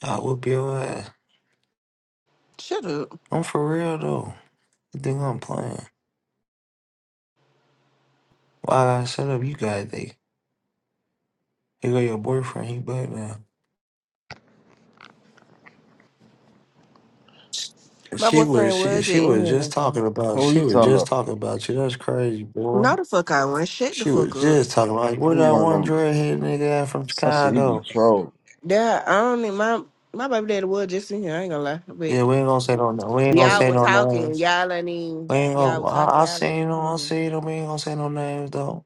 Speaker 1: I whoop your ass.
Speaker 4: Shut up.
Speaker 1: I'm for real though. You think I'm playing? Why I gotta set up? You gotta think. Here go your boyfriend. He back now.
Speaker 4: My
Speaker 1: She was
Speaker 4: boyfriend
Speaker 1: she
Speaker 4: was
Speaker 1: she
Speaker 4: just in
Speaker 1: was just
Speaker 4: here.
Speaker 1: talking about
Speaker 6: Who
Speaker 1: she
Speaker 6: you
Speaker 1: was
Speaker 6: talking
Speaker 1: just
Speaker 6: about?
Speaker 1: talking about you. That's crazy, boy.
Speaker 4: No, the fuck I went. Shut the
Speaker 1: She
Speaker 4: fuck
Speaker 1: was
Speaker 4: up.
Speaker 1: just talking about like, where
Speaker 6: He
Speaker 1: that
Speaker 6: one of
Speaker 1: one
Speaker 6: them.
Speaker 1: dreadhead nigga at from
Speaker 6: I said he be
Speaker 1: Chicago.
Speaker 6: trolled.
Speaker 4: Yeah, I don't need my my baby daddy was just in here. I ain't gonna lie, but
Speaker 1: Yeah, we ain't gonna say no. We
Speaker 6: I
Speaker 1: ain't gonna
Speaker 4: y'all
Speaker 1: say
Speaker 4: were
Speaker 1: no
Speaker 4: talking.
Speaker 1: names.
Speaker 4: Y'all ain't even.
Speaker 1: We ain't gonna.
Speaker 4: Y'all were
Speaker 1: I,
Speaker 4: talking.
Speaker 1: I
Speaker 4: Y'all ain't
Speaker 1: seen him.
Speaker 4: even.
Speaker 1: I
Speaker 4: hear me.
Speaker 1: seen him. We ain't gonna say no names though.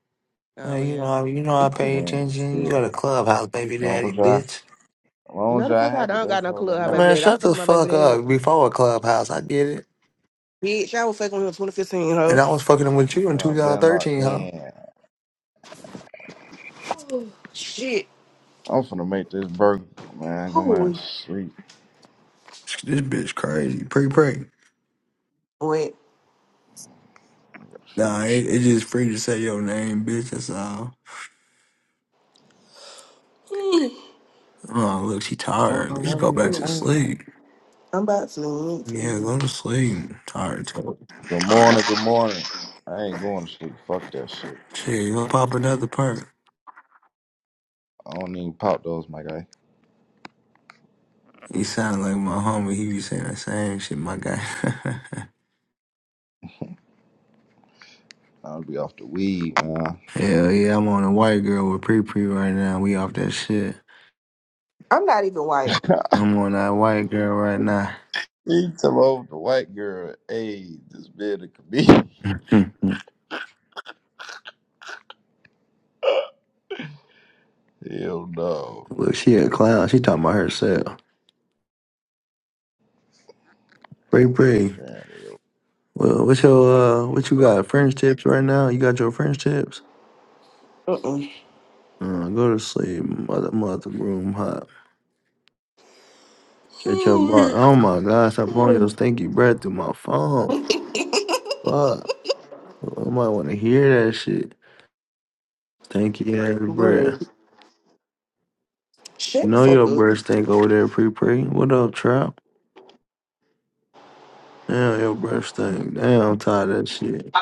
Speaker 4: Oh
Speaker 1: Hey, you
Speaker 4: yeah.
Speaker 1: know, you know, I pay
Speaker 6: mean,
Speaker 1: attention. You got
Speaker 6: yeah.
Speaker 1: a
Speaker 6: As
Speaker 1: clubhouse, baby
Speaker 6: long
Speaker 1: daddy,
Speaker 6: as y'all,
Speaker 1: bitch.
Speaker 6: as long as
Speaker 4: No, the
Speaker 6: y'all
Speaker 4: fuck I
Speaker 6: happy,
Speaker 4: don't
Speaker 6: that's
Speaker 4: got no
Speaker 6: all that
Speaker 4: clue how
Speaker 1: Hey,
Speaker 6: matters.
Speaker 4: baby
Speaker 1: man,
Speaker 4: daddy. I'm
Speaker 1: shut the
Speaker 4: fucking my baby
Speaker 1: fuck
Speaker 4: daddy.
Speaker 1: up. Before a clubhouse, I get it.
Speaker 4: Bitch, I was fucking him in 2015,
Speaker 1: And
Speaker 4: ho.
Speaker 1: I was fucking with you in
Speaker 6: Y'all been locked
Speaker 1: 2013, huh?
Speaker 6: in.
Speaker 4: Oh, Shit.
Speaker 6: I'm finna make this burger. Man, go man,
Speaker 4: Holy.
Speaker 6: sleep.
Speaker 1: This bitch crazy. Pre pre.
Speaker 4: Wait.
Speaker 6: I gotta figure
Speaker 1: Nah,
Speaker 6: this
Speaker 1: it,
Speaker 6: shit out.
Speaker 1: it just free to say your name, bitch. That's all.
Speaker 4: Mm.
Speaker 1: Oh, look, she
Speaker 6: I
Speaker 1: tired.
Speaker 6: don't know
Speaker 1: Let's
Speaker 6: what
Speaker 1: go back to
Speaker 6: I'm doing.
Speaker 1: sleep.
Speaker 4: I'm about to.
Speaker 1: Yeah, go to sleep. Tired, too.
Speaker 6: Good morning, good morning. I ain't going to sleep. Fuck that shit.
Speaker 1: Shit, you gonna pop another perk.
Speaker 6: I don't even pop those, my guy.
Speaker 1: He sound like my homie. He be saying the same shit, my guy.
Speaker 6: I'll be off the weed, man.
Speaker 1: Hell yeah, I'm on a white girl with Pre Pre right now. We off that shit.
Speaker 4: I'm not even white.
Speaker 1: I'm on that white girl right now.
Speaker 6: he tell over the white girl, hey, this bit a comedian. Hell no.
Speaker 1: Look, she a clown. She talking about herself. Pre Pre.
Speaker 6: Damn, hell.
Speaker 1: Well, what's your uh, what you
Speaker 6: no.
Speaker 1: got? French tips right now? You got your French tips?
Speaker 4: Mm-mm.
Speaker 1: Uh, go to sleep, mother, mother, room hot. Catch your bar. Oh my God! Stop blowing your
Speaker 4: Bro,
Speaker 1: stinky breath through my phone. Fuck, I might want to hear that shit. Stinky ass breath. You
Speaker 4: shut the
Speaker 1: know
Speaker 4: fuck
Speaker 1: your
Speaker 4: up.
Speaker 1: breath stink over there, Pre Pre. What up, Trap? Damn, your breath stink. Damn, I'm tired of that shit.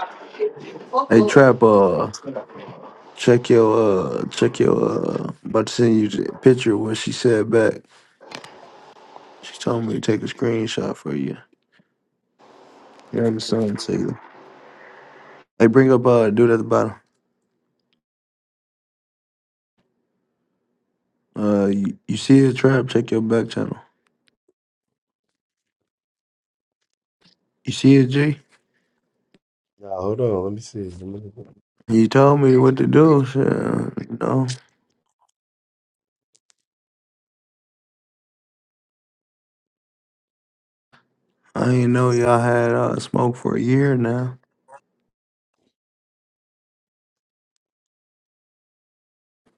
Speaker 4: Fuck
Speaker 1: Hey,
Speaker 4: up.
Speaker 1: Trap, uh, check your, uh, check your, uh, about to send you the picture of what she said back. She told me to take a screenshot for you. You understand, Taylor? Hey, bring up, uh, dude at the bottom. Uh, you, you see it, Trap? Check your back channel. You see it, G?
Speaker 13: Yeah, hold on. Let me see. Let me look
Speaker 1: You told me what to do, shit. You know, I didn't know y'all had, uh, smoke for a year now.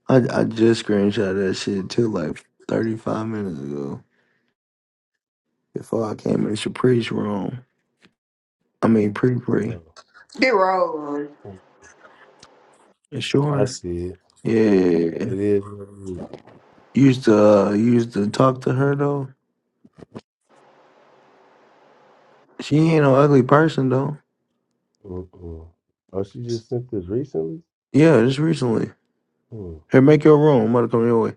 Speaker 1: I, I just screenshot that shit too, like 35 minutes ago. before I came in Shapri's room. I mean, pre pre.
Speaker 13: at-
Speaker 4: Get wrong.
Speaker 13: oh,
Speaker 1: You
Speaker 13: I
Speaker 1: Sure.
Speaker 13: see it.
Speaker 1: Yeah.
Speaker 13: It is.
Speaker 1: You used to uh, you used to talk to her though. She ain't no ugly person though.
Speaker 13: Mm-mm. Oh, she just sent this recently?
Speaker 1: Yeah, just recently.
Speaker 13: Hmm.
Speaker 1: Hey, make your room. I'm about to come your way.